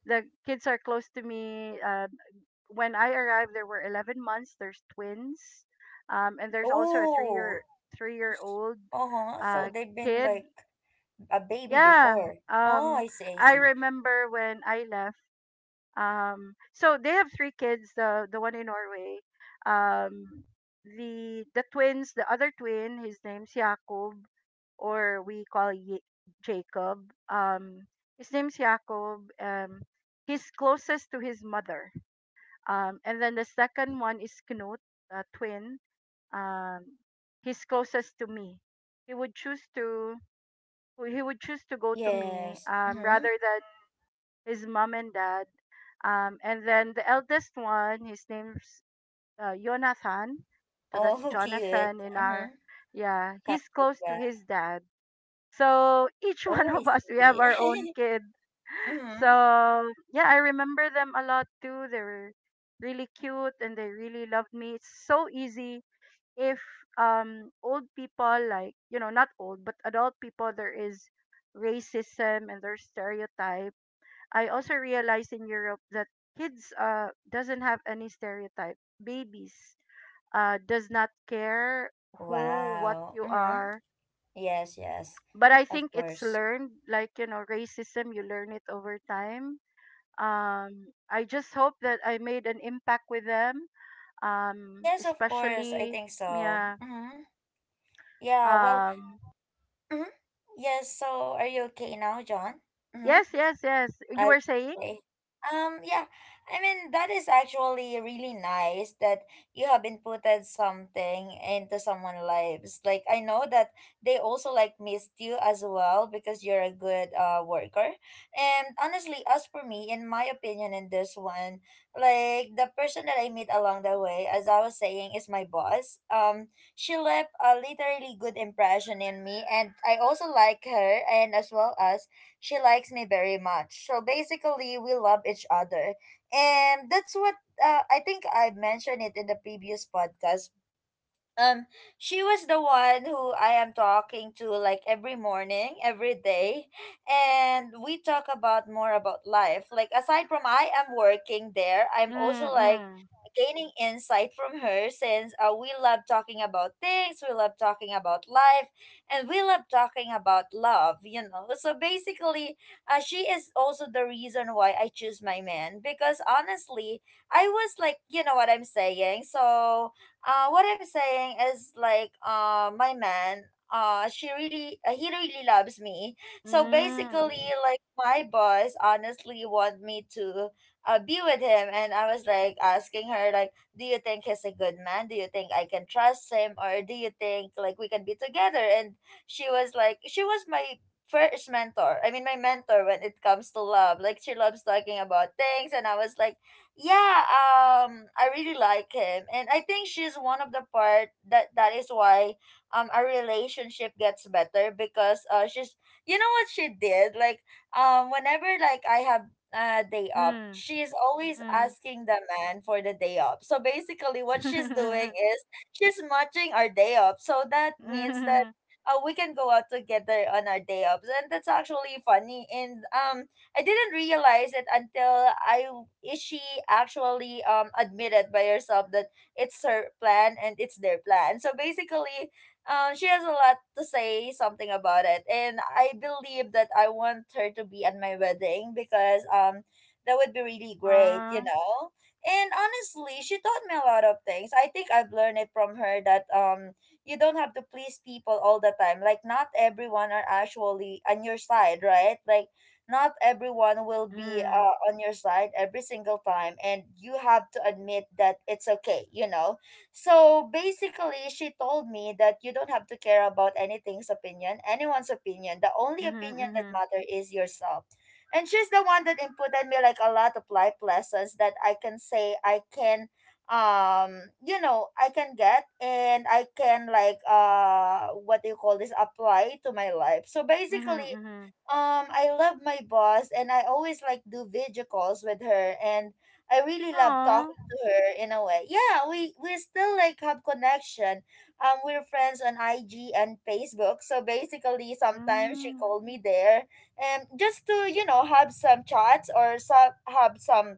B: the kids are close to me. When I arrived, there were 11 months. There's twins, and there's also a
A: Oh.
B: 3-year
A: s-
B: old
A: Uh-huh. So
B: uh,
A: they've been
B: kid.
A: like a baby
B: Yeah.
A: before. Oh,
B: Um,
A: I see. I
B: I
A: see.
B: remember when I left. So they have three kids. The one in Norway. Um, the twins. The other twin. His name's Jakob, or we call Jacob. His name's Jacob. He's closest to his mother, and then the second one is Knut, a twin. Um, he's closest to me. He would choose to he would choose to go to me,
A: Yes. Mm-hmm.
B: rather than his mom and dad. And then the eldest one, his name's Jonathan. So that's
A: Oh, cute.
B: Jonathan in
A: Mm-hmm.
B: our, yeah. He's close to
A: Conchita.
B: his dad. So each
A: Oh,
B: one
A: I
B: of us, we have our own
A: see.
B: kid.
A: Mm-hmm.
B: So yeah, I remember them a lot too. They were really cute and they really loved me. It's so easy if old people like, you know, not old but adult people, there is racism and there's stereotype. I also realized in Europe that kids doesn't have any stereotype. Babies does not care who what
A: Wow.
B: you
A: Mm-hmm.
B: are.
A: Yes, yes.
B: But I
A: Of
B: think it's
A: course.
B: learned, like you know, racism, you learn it over time. I just hope that I made an impact with them.
A: Yes, of course. I
B: Especially,
A: think so.
B: yeah.
A: Mm-hmm. Yeah, well,
B: Um,
A: mm-hmm. Yes, so are you okay now, John? Mm-hmm.
B: yes, yes, yes. You were saying?
A: Okay. Yeah, I mean, that is actually really nice that you have inputted something into someone's lives. Like, I know that they also like missed you as well because you're a good worker. And honestly, as for me, in my opinion, in this one, like the person that I meet along the way, as I was saying, is my boss. She left a literally good impression in me, and I also like her, and as well as she likes me very much. So basically, we love each other. And that's what I think I mentioned it in the previous podcast. um she was the one who I am talking to, like every morning, every day, and we talk about more about life. Like aside from I am working there, I'm also like
B: Mm,
A: gaining insight from her, since we love talking about things, we love talking about life, and we love talking about love, you know. So basically, she is also the reason why I choose my man because honestly, I was like, you know what I'm saying. So what I'm saying is like my man, she really he really loves me.
B: mm,
A: So basically,
B: mm,
A: like my boss honestly want me to be with him, and I was like asking her like, do you think he's a good man? Do you think I can trust him? Or do you think like we can be together? And she was my first mentor, I mean my mentor, when it comes to love. Like she loves talking about things, and I was like, yeah, I really like him. And I think she's one of the part that is why our relationship gets better, because she's, you know what she did, like whenever like I have a day up,
B: mm,
A: she's always
B: mm.
A: asking the man for the day up. So basically what she's doing is she's matching our day up, so that means that we can go out together on our day ups. And that's actually funny. And I didn't realize it until I is she actually admitted by herself that it's her plan, and it's their plan. So basically, she has a lot to say something about it, and I believe that I want her to be at my wedding, because that would be really great,
B: Aw.
A: you know. And honestly, she taught me a lot of things. I think I've learned it from her that you don't have to please people all the time. Like not everyone are actually on your side, right? Like not everyone will be
B: Mm,
A: on your side every single time, and you have to admit that it's okay, you know? So basically, she told me that you don't have to care about anything's opinion, anyone's opinion. The only
B: mhm,
A: opinion that
B: mhm,
A: matters is yourself. And she's the one that inputted me like a lot of life lessons that I can say I can, you know, I can get, and I can like, what do you call this, apply to my life. So
B: mhm,
A: basically,
B: mhm.
A: I love my boss, and I always like do video calls with her, and I really love
B: Aw.
A: talking to her in a way. Yeah, we still like have connection. Um, we're friends on IG and Facebook. So basically sometimes she
B: Mm,
A: called me there, and just to, you know, have some chats or some, have some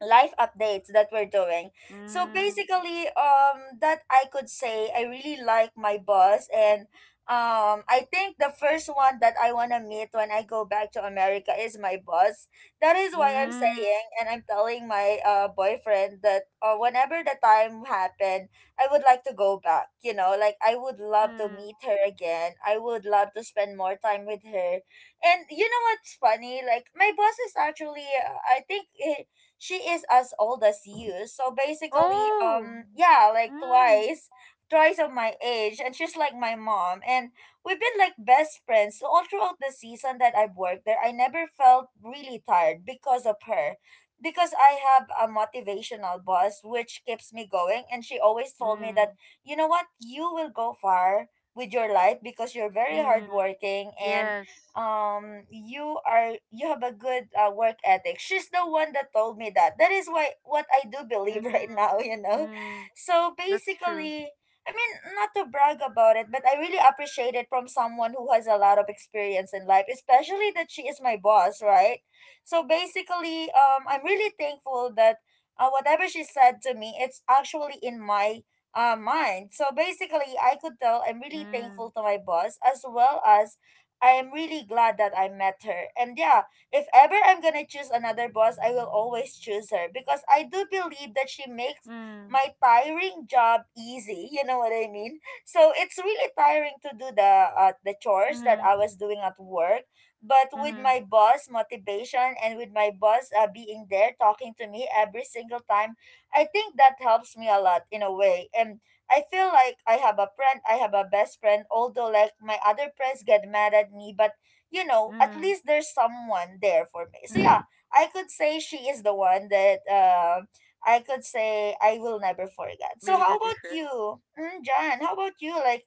A: life updates that we're doing. So
B: mm,
A: basically, that I could say I really like my boss. And um, I think the first one that I wanna meet when I go back to America is my boss. That is why I'm
B: mm,
A: saying, and I'm telling my boyfriend that whenever the time happened, I would like to go back, you know. Like I would love to
B: mm.
A: meet her again. I would love to spend more time with her. And you know what's funny? Like my boss is actually I think she is as old as you. So basically,
B: Oh.
A: yeah, like
B: Mm,
A: twice, twice of my age, and she's like my mom. And we've been like best friends all throughout the season that I've worked there. I never felt really tired because of her. Because I have a motivational boss which keeps me going, and she always told me that,
B: mm,
A: you know what, you will go far with your life because you're very
B: mm.
A: hardworking, and
B: Yes.
A: you are, you have a good work ethic. She's the one that told me that, that is why what I do believe right
B: Mm,
A: now, you know.
B: mm,
A: So
B: that's true.
A: basically, I mean, not to brag about it, but I really appreciate it from someone who has a lot of experience in life, especially that she is my boss, right? So basically, um, I'm really thankful that whatever she said to me, it's actually in my mind. So basically, I could tell, I'm really
B: Mm,
A: thankful to my boss, as well as I am really glad that I met her. And yeah, if ever I'm gonna choose another boss, I will always choose her, because I do believe that she makes
B: mm,
A: my tiring job easy. You know what I mean? So it's really tiring to do the chores that
B: mm-hmm,
A: I was doing at work, but with
B: mm-hmm,
A: my boss motivation and with my boss being there talking to me every single time, I think that helps me a lot in a way. And I feel like I have a friend, I have a best friend, although like my other friends get mad at me, but you know, at
B: mm-hmm.
A: least there's someone there for me. So yeah, I could say she is the one that I could say I will never forget. So
B: Made
A: how
B: a
A: about
B: difference.
A: you? Mm, John, how about you? Like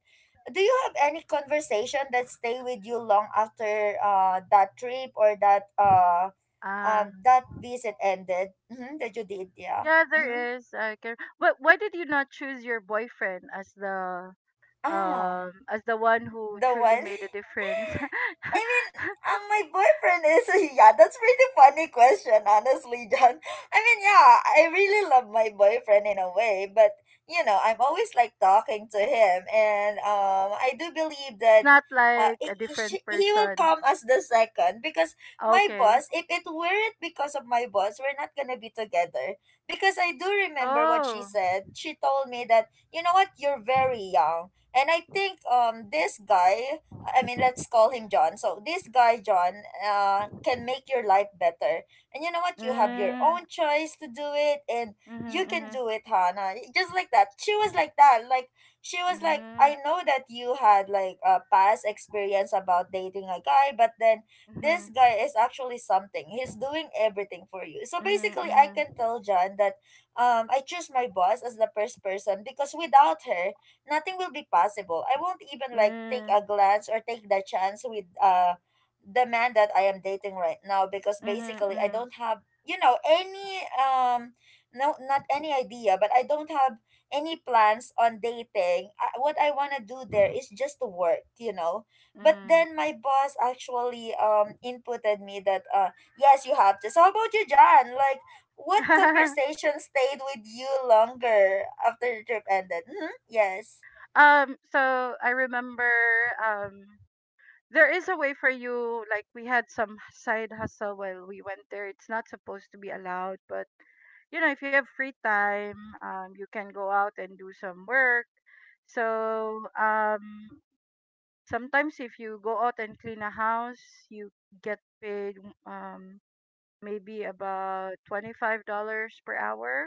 A: do you have any conversation that stay with you long after that trip, or that
B: Ah,
A: that visit ended? Mm-hmm, that you did, yeah.
B: yeah,
A: Mm-hmm.
B: there is. I can. But why did you not choose your boyfriend
A: Ah,
B: as the one who
A: the
B: truly
A: one.
B: made a difference?
A: I mean, my boyfriend is yeah. That's pretty funny question, honestly, John. I mean, yeah, I really love my boyfriend in a way, but you know, I'm always like talking to him, and I do believe
B: He's
A: that.
B: not
A: Uh,
B: like
A: he,
B: a
A: he
B: different
A: sh- he will
B: person.
A: come as the second, because my
B: Okay.
A: boss, if it weren't because of my boss, we're not gonna be together. Because I do remember what she
B: Oh.
A: said, she told me that, you know what, you're very young, and I think um, this guy, I mean, let's call him John. So this guy John can make your life better. And you know what? You have your
B: Mm,
A: own choice to do it, and
B: mm-hmm,
A: you can
B: mm-hmm,
A: do it, Hannah. Just like that. She was like that. Like she was like,
B: hmm,
A: I know that you had like a past experience about dating a guy, but then this
B: mm-hmm,
A: guy is actually something. He's doing everything for you. So basically, I
B: mm-hmm,
A: can tell John that I choose my boss as the first person because without her nothing will be possible. I won't even
B: mm-hmm,
A: like take
B: mm-hmm.
A: a glance or take the chance with the man that I am dating right now because basically I
B: Mm-hmm.
A: don't have any no not any idea, but I don't have any plans on dating. I, what I want to do there is just to work, you know. But then
B: Mm.
A: my boss actually inputted me that yes, you have to. So how about you, John? Like what conversation stayed with you longer after the trip ended? Mm-hmm. Yes.
B: Um, so I remember, um there is a way for you, like we had some side hustle while we went there. It's not supposed to be allowed, but you know, if you have free time, you can go out and do some work. So sometimes if you go out and clean a house, you get paid, um maybe about $25 per hour.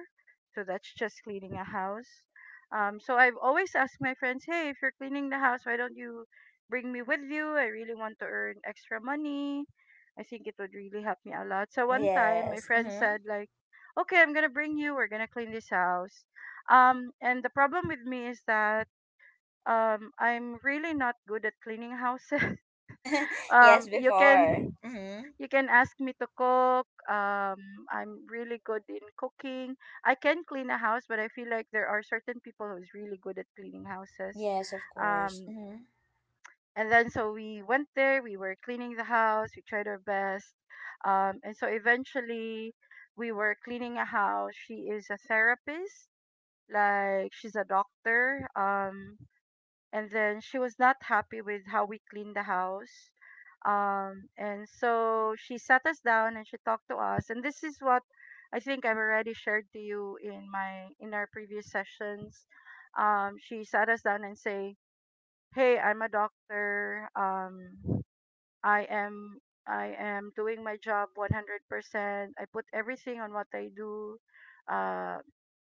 B: So that's just cleaning a house. So I've always asked my friends, hey, if you're cleaning the house, why don't you bring me with you? I really want to earn extra money. I think it would really help me a lot. So one time, my
A: Yes.
B: friend
A: Mm-hmm.
B: said, like, okay, I'm gonna bring you. We're gonna clean this house. And the problem with me is that I'm really not good at cleaning houses. um,
A: Yes,
B: you
A: before.
B: can
A: Mm-hmm.
B: you can ask me to cook. I'm really good in cooking. I can clean a house, but I feel like there are certain people who's really good at cleaning houses.
A: Yes, of course.
B: Um,
A: Mm-hmm.
B: and then so we went there. We were cleaning the house. We tried our best. And so eventually, we were cleaning a house. She is a therapist. Like she's a doctor. And then she was not happy with how we cleaned the house, and so she sat us down and she talked to us, and this is what I think I've already shared to you in my in our previous sessions. She sat us down and say, hey, I'm a doctor, um, i am I am doing my job 100%. I put everything on what I do. uh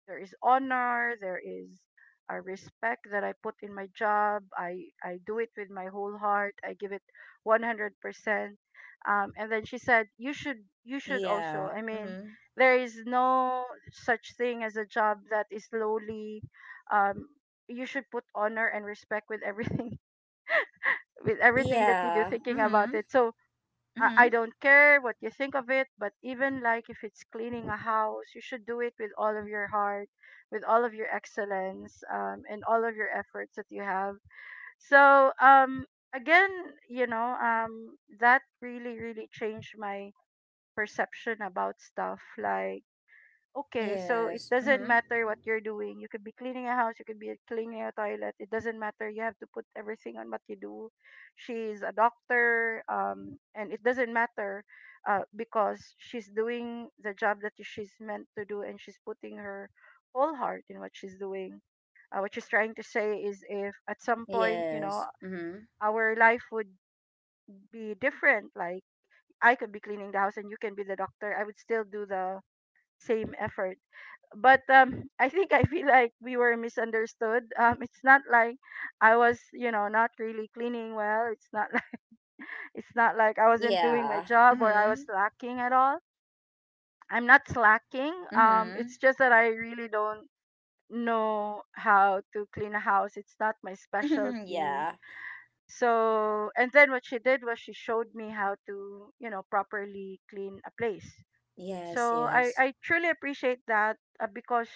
B: there is honor, there is a respect that I put in my job. I do it with my whole heart. I give it 100%. And then she said, you should also,
A: Yeah.
B: I mean,
A: Mm-hmm.
B: there is no such thing as a job that is lowly. um, you should put honor and respect with everything with everything that you do,
A: Yeah.
B: thinking about
A: Mm-hmm.
B: it. So I
A: Mm-hmm.
B: don't care what you think of it, but even like if it's cleaning a house, you should do it with all of your heart, with all of your excellence, and all of your efforts that you have. So, again, you know, that really, really changed my perception about stuff. Like, okay, so it
A: Yes.
B: doesn't
A: Mm-hmm.
B: matter what you're doing. You could be cleaning a house, you could be cleaning a toilet. It doesn't matter. You have to put everything on what you do. She's a doctor, and it doesn't matter because she's doing the job that she's meant to do, and she's putting her whole heart in what she's doing. What she's trying to say is, if at some point, you know,
A: Yes. Mm-hmm.
B: our life would be different, like I could be cleaning the house and you can be the doctor, I would still do the same effort, but I think I feel like we were misunderstood. It's not like I was, you know, not really cleaning well. It's not like it's not like I wasn't doing my
A: Yeah.
B: job or I was
A: Mm-hmm.
B: slacking at all. I'm not slacking. It's
A: Mm-hmm.
B: just that I really don't know how to clean a house. It's not my specialty.
A: Yeah.
B: So, and then what she did was she showed me how to, you know, properly clean a place.
A: Yes,
B: So I,
A: yes.
B: I truly appreciate that, because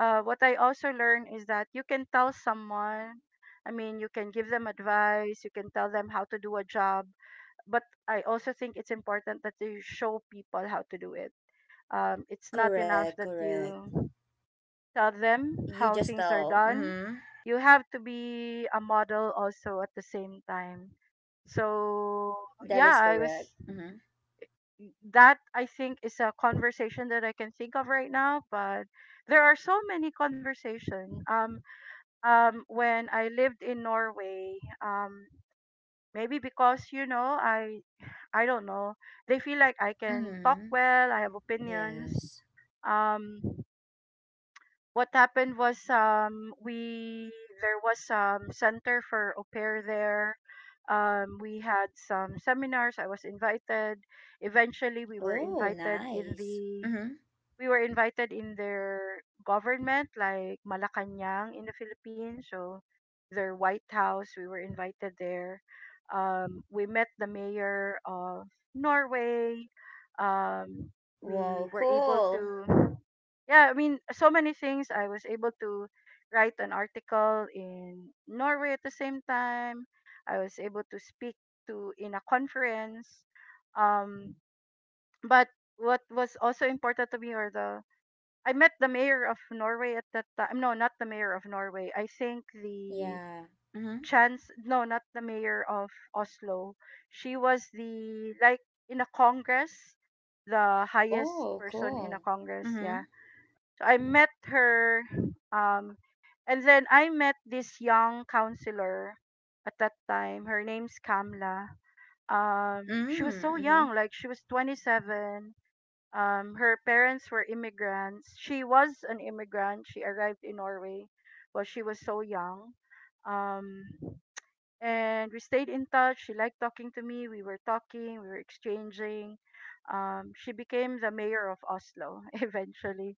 B: what I also learned is that you can tell someone, I mean, you can give them advice, you can tell them how to do a job, but I also think it's important that you show people how to do it. It's not enough
A: Correct,
B: that
A: correct.
B: you tell them
A: You
B: how
A: just
B: things are
A: tell.
B: done.
A: Mm-hmm.
B: You have to be a model also at the same time. So
A: That
B: yeah,
A: is
B: I was
A: correct. Mm-hmm.
B: that I think is a conversation that I can think of right now, but there are so many conversation. When I lived in Norway, um, maybe because you know I don't know, they feel like I can talk
A: Mm-hmm.
B: well. I have opinions.
A: Yes.
B: Um, what happened was we there was center for au pair there. We had some seminars. I was invited eventually we were
A: Oh,
B: invited in
A: nice.
B: the
A: Mm-hmm.
B: we were invited in their government, like Malacanang in the Philippines. So their White House, we were invited there. We met the mayor of Norway. Um, we
A: Whoa,
B: were able
A: cool.
B: to, yeah, I mean, so many things. I was able to write an article in Norway at the same time. I was able to speak to in a conference. Um, but what was also important to me, or the I met the mayor of Norway at that time. No, not the mayor of Norway. I think the
A: Yeah. Mm-hmm.
B: chance. No, not the mayor of Oslo. She was the like in a congress, the highest
A: Oh,
B: person in a
A: cool.
B: congress. Yeah.
A: Mm-hmm.
B: So I met her, um, and then I met this young counselor at that time. Her name's Kamla. She was so
A: Mm-hmm.
B: young, like she was 27, her parents were immigrants. She was an immigrant. She arrived in Norway while she was so young. Um, and we stayed in touch. She liked talking to me. We were talking, we were exchanging. She became the mayor of Oslo eventually.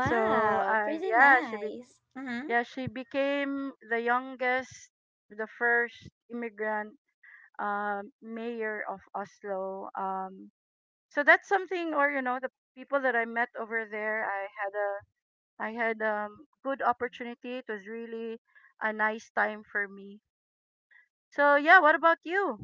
B: So
A: pretty
B: yeah,
A: nice. Mm-hmm.
B: yeah she became the youngest, the first immigrant, mayor of Oslo. So that's something, or you know the people that I met over there, I had a I had good opportunity. It was really a nice time for me. So yeah, what about you?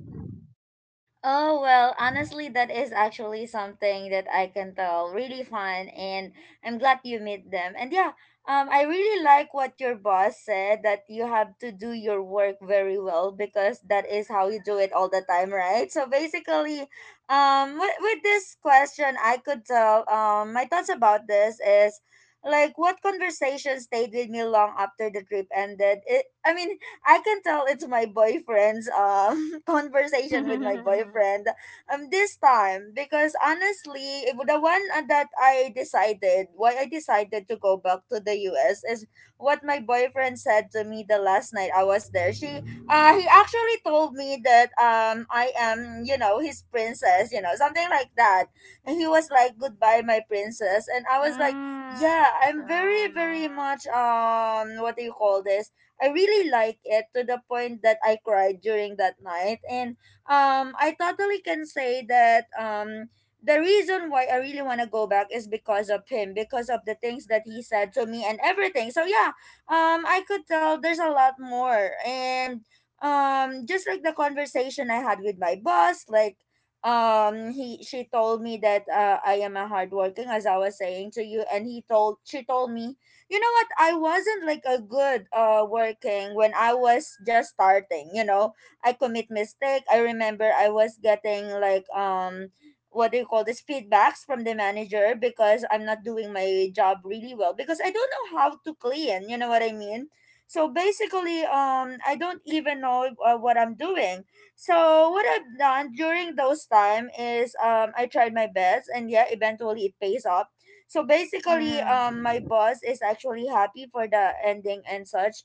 A: Oh, well, honestly, that is actually something that I can tell really fun, and I'm glad you meet them. And yeah, I really like what your boss said, that you have to do your work very well because that is how you do it all the time, right? So basically, with, this question, I could tell, my thoughts about this is like what conversation stayed with me long after the trip ended. I mean, I can tell it's my boyfriend's conversation with my
B: Mm.
A: boyfriend this time because honestly, if the one that I decided, why I decided to go back to the US is what my boyfriend said to me the last night I was there. She He actually told me that I am, you know, his princess, you know, something like that. And he was like, goodbye, my princess. And I was like, yeah,
B: So.
A: I'm very,
B: No.
A: very much what do you call this? I really like it to the point that I cried during that night. And I totally can say that, the reason why I really want to go back is because of him, because of the things that he said to me and everything. So yeah, I could tell there's a lot more. And just like the conversation I had with my boss, like he she told me that I am a hardworking, as I was saying to you. And he told she told me, you know what, I wasn't like a good working when I was just starting, you know, I commit mistake. I remember I was getting like what do you call this, feedbacks from the manager because I'm not doing my job really well because I don't know how to clean, you know what I mean? So basically, I don't even know what I'm doing. So what I've done during those time is, I tried my best, and yeah, eventually it pays off. So basically, my
B: Mm-hmm.
A: boss is actually happy for the ending and such.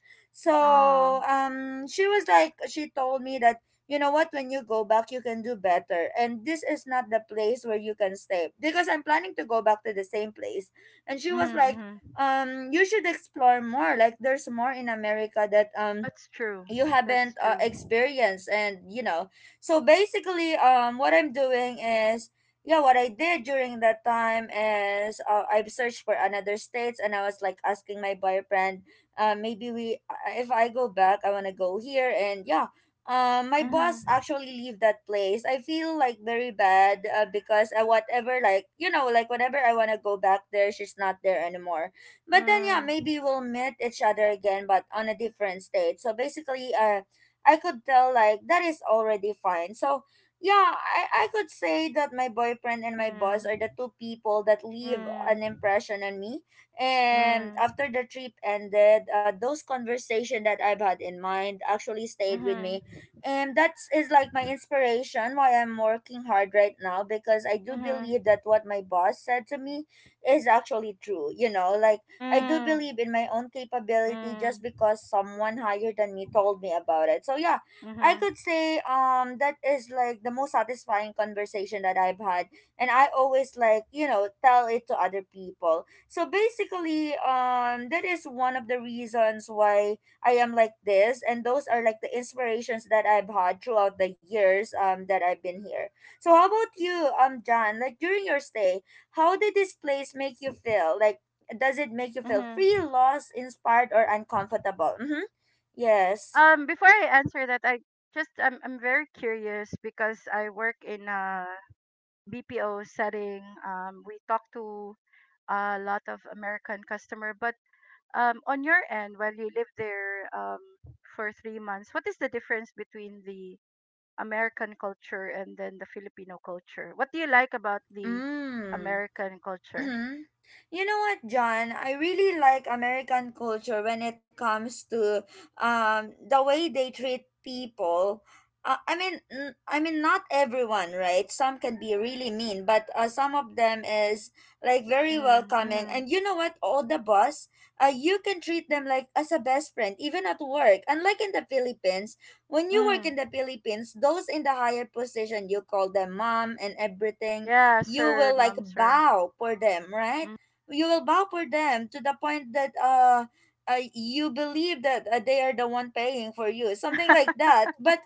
B: Oh.
A: So she was like, she told me that, you know what, when you go back, you can do better, and this is not the place where you can stay because I'm planning to go back to the same place. And she was like,
B: Mm-hmm.
A: you should explore more. Like, there's more in America that
B: That's true.
A: you haven't
B: That's true.
A: experienced, and you know. So basically, what I'm doing is, yeah, what I did during that time is, I've searched for another states, and I was like asking my boyfriend, maybe we if I go back, I want to go here. And yeah, my boss
B: Mm-hmm.
A: actually leave that place. I feel like very bad because whatever, like, you know, like whenever I want to go back there, she's not there anymore. But then yeah,
B: Mm.
A: maybe we'll meet each other again, but on a different state. So basically, I could tell like that is already fine. So yeah, I could say that my boyfriend and my boss
B: Mm.
A: are the two people that leave
B: Mm.
A: an impression on me.
B: Mm.
A: And
B: Mm-hmm.
A: after the trip ended, those conversation that I've had in mind actually stayed with me, and that is like my inspiration why I'm working hard right now, because I do
B: Mm-hmm.
A: believe that what my boss said to me is actually true. You know, like I do
B: Mm-hmm.
A: believe in my own capability, just because someone higher than me told me about it. So yeah, I
B: Mm-hmm.
A: could say that is like the most satisfying conversation that I've had, and I always like, you know, tell it to other people. So basically that is one of the reasons why I am like this, and those are like the inspirations that I've had throughout the years that I've been here. So how about you, John? Like during your stay, how did this place make you feel? Like does it make you feel free,
B: Mm-hmm.
A: lost, inspired, or uncomfortable? Mm-hmm. Yes.
B: Before I answer that, I'm very curious because I work in a BPO setting. We talk to a lot of American customer, but on your end, while you live there for 3 months, what is the difference between the American culture and then the Filipino culture? What do you like about the
A: Mm.
B: American culture?
A: Mm-hmm. You know what, John? I really like American culture when it comes to the way they treat people. I mean, I mean, not everyone, right? Some can be really mean, but some of them is like very
B: Mm.
A: welcoming. And
B: Mm-hmm.
A: you know what? All the boss, you can treat them like as a best friend, even at work. Unlike in the Philippines, when you work
B: Mm.
A: in the Philippines, those in the higher position, you call them mom and everything,
B: Yeah,
A: you
B: sir,
A: will like
B: ma'am, sir.
A: bow for them, right?
B: Mm.
A: You will bow for them to the point that you believe that they are the one paying for you, something like that. But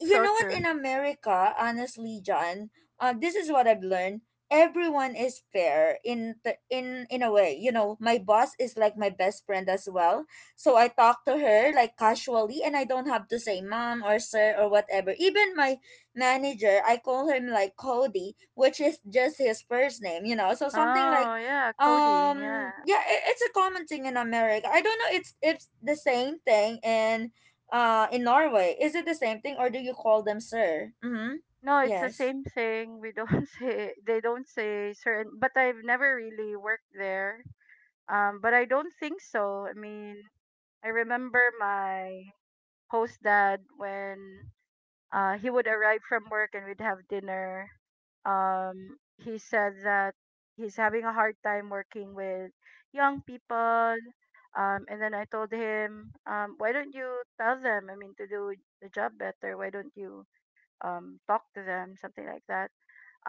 A: you
B: So
A: know what?
B: true.
A: In America, honestly, John, this is what I've learned. Everyone is fair in the, in a way. You know, my boss is like my best friend as well. So I talk to her like casually, and I don't have to say mom or sir or whatever. Even my manager, I call him like Cody, which is just his first name, you know. So something like
B: Oh, yeah, Cody, yeah.
A: yeah, it's a common thing in America. I don't know, it's the same thing in Norway. Is it the same thing, or do you call them sir? Mhm.
B: No, it's the
A: Yes.
B: same thing. We don't say they don't say certain, but I've never really worked there. But I don't think so. I mean, I remember my host dad when he would arrive from work and we'd have dinner. He said that he's having a hard time working with young people. And then I told him, why don't you tell them, I mean, to do the job better? Why don't you talk to them, something like that,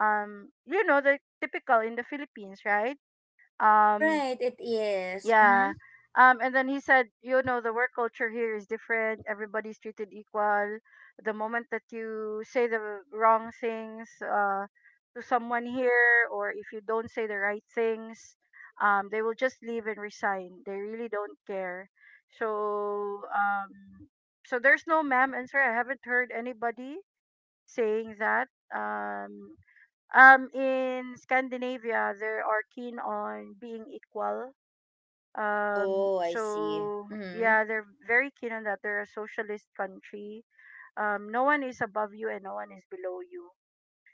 B: you know, the typical in the Philippines, right? um
A: Right, it is.
B: yeah,
A: Mhm.
B: and then he said, you know, the work culture here is different, everybody's treated equal. The moment that you say the wrong things to someone here, or if you don't say the right things, they will just leave and resign. They really don't care. so um so there's no ma'am and sir. I haven't heard anybody saying that. um in Scandinavia they are keen on being equal.
A: Oh, I see.
B: So
A: Mhm.
B: yeah, they're very keen on that. They're a socialist country. No one is above you and no one is below you.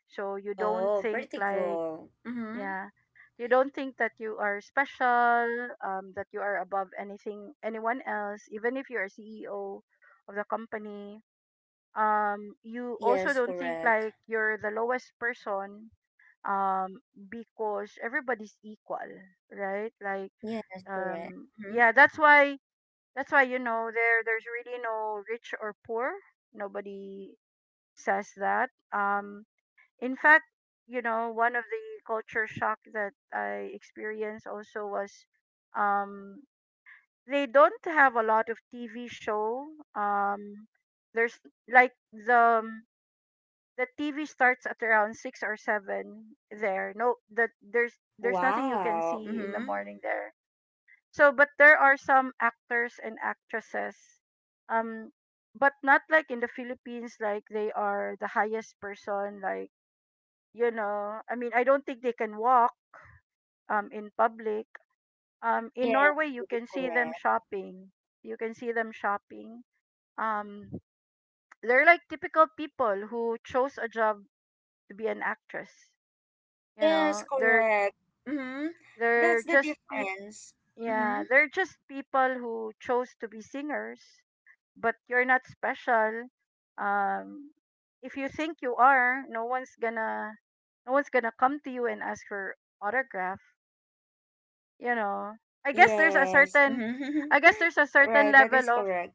B: So you don't
A: Oh,
B: think
A: pretty
B: like,
A: cool. Mhm.
B: yeah, you don't think that you are special, that you are above anything anyone else, even if you're a CEO of the company, you also
A: Yes,
B: don't think
A: correct.
B: like you're the lowest person, um because everybody's equal, right? Like,
A: Yes, correct. Mhm.
B: yeah, that's why, that's why, you know, there's really no rich or poor. Nobody says that. In fact, you know, one of the culture shock that I experienced also was, um they don't have a lot of TV show. um there's like the um, the TV starts at around six or seven there. No, that there's nothing you can
A: Wow.
B: see in the
A: Mhm.
B: morning there. So, but there are some actors and actresses, um, but not like in the Philippines, like they are the highest person. Like, you know, I mean, I don't think they can walk in public. In
A: Yes,
B: Norway, you
A: that is
B: can see them
A: correct.
B: shopping. You can see them shopping. Um, they're like typical people who chose a job to be an actress, you know,
A: Yes, correct. Mm-hmm. That's
B: they're
A: the
B: just peop
A: difference. Mm-hmm.
B: yeah they're just people who chose to be singers, but you're not special. um if you think you are, no one's gonna come to you and ask for autograph, you know. i guess there's a
A: Yes.
B: certain
A: Mm-hmm.
B: I guess there's a certain
A: Right, that is
B: level of,
A: correct.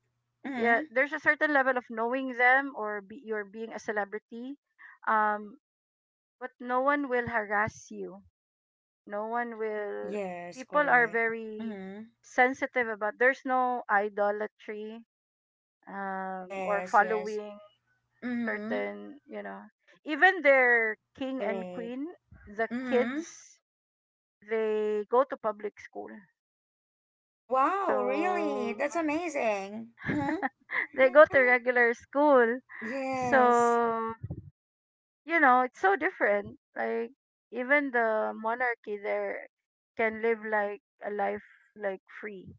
B: yeah,
A: Mm-hmm.
B: there's a certain level of knowing them, or you're being a celebrity. um but no one will harass you. No one will
A: Yes,
B: People are
A: correct.
B: very
A: Mm-hmm.
B: sensitive about, there's no idolatry or
A: Yes, yes.
B: following
A: Mm-hmm.
B: certain, you know, even their king and
A: Right.
B: queen, the
A: Mm-hmm.
B: kids, they go to public school.
A: Wow, really?
B: So
A: That's amazing. Mm-hmm.
B: they go to regular school.
A: Yes.
B: So you know it's so different, like even the monarchy there can live like a life, like free.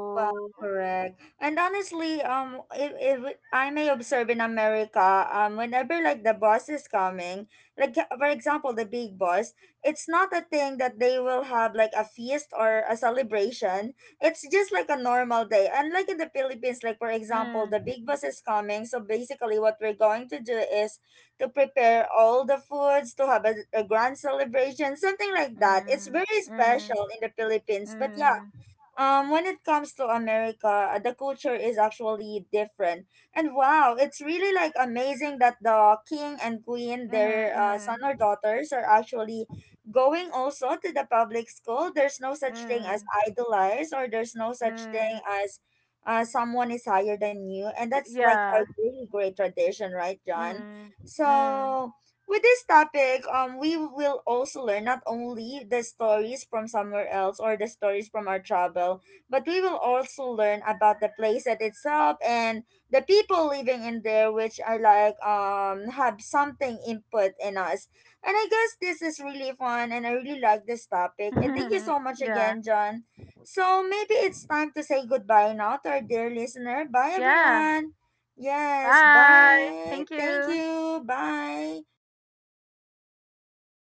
A: Well, correct. And honestly, if I may observe in America, whenever like the boss is coming, like for example, the big boss, it's not a thing that they will have like a feast or a celebration. It's just like a normal day. And like in the Philippines, like for example,
B: Mm.
A: the big boss is coming. So basically, what we're going to do is to prepare all the foods to have a grand celebration, something like that. It's
B: Mm.
A: very
B: Mm.
A: special in the Philippines. But yeah,
B: Mm.
A: when it comes to America, the culture is actually different. And wow, it's really like amazing that the king and queen,
B: Mhm.
A: their son or
B: Mm.
A: daughters, are actually going also to the public school. There's no such thing as
B: Mm.
A: idolize, or there's no such thing
B: Mm.
A: as someone is higher than you. And that's like a
B: Yeah.
A: really great tradition, right, John?
B: Mm. Mm.
A: So with this topic, we will also learn not only the stories from somewhere else or the stories from our travel, but we will also learn about the place that itself and the people living in there, which are like have something input in us. And I guess this is really fun, and I really like this topic. And thank you so much
B: Yeah.
A: again, John. So maybe it's time to say goodbye now to our dear listener. Bye,
B: Yeah.
A: everyone. Yes,
B: Bye.
A: bye.
B: Thank
A: Thank
B: you.
A: you. Bye.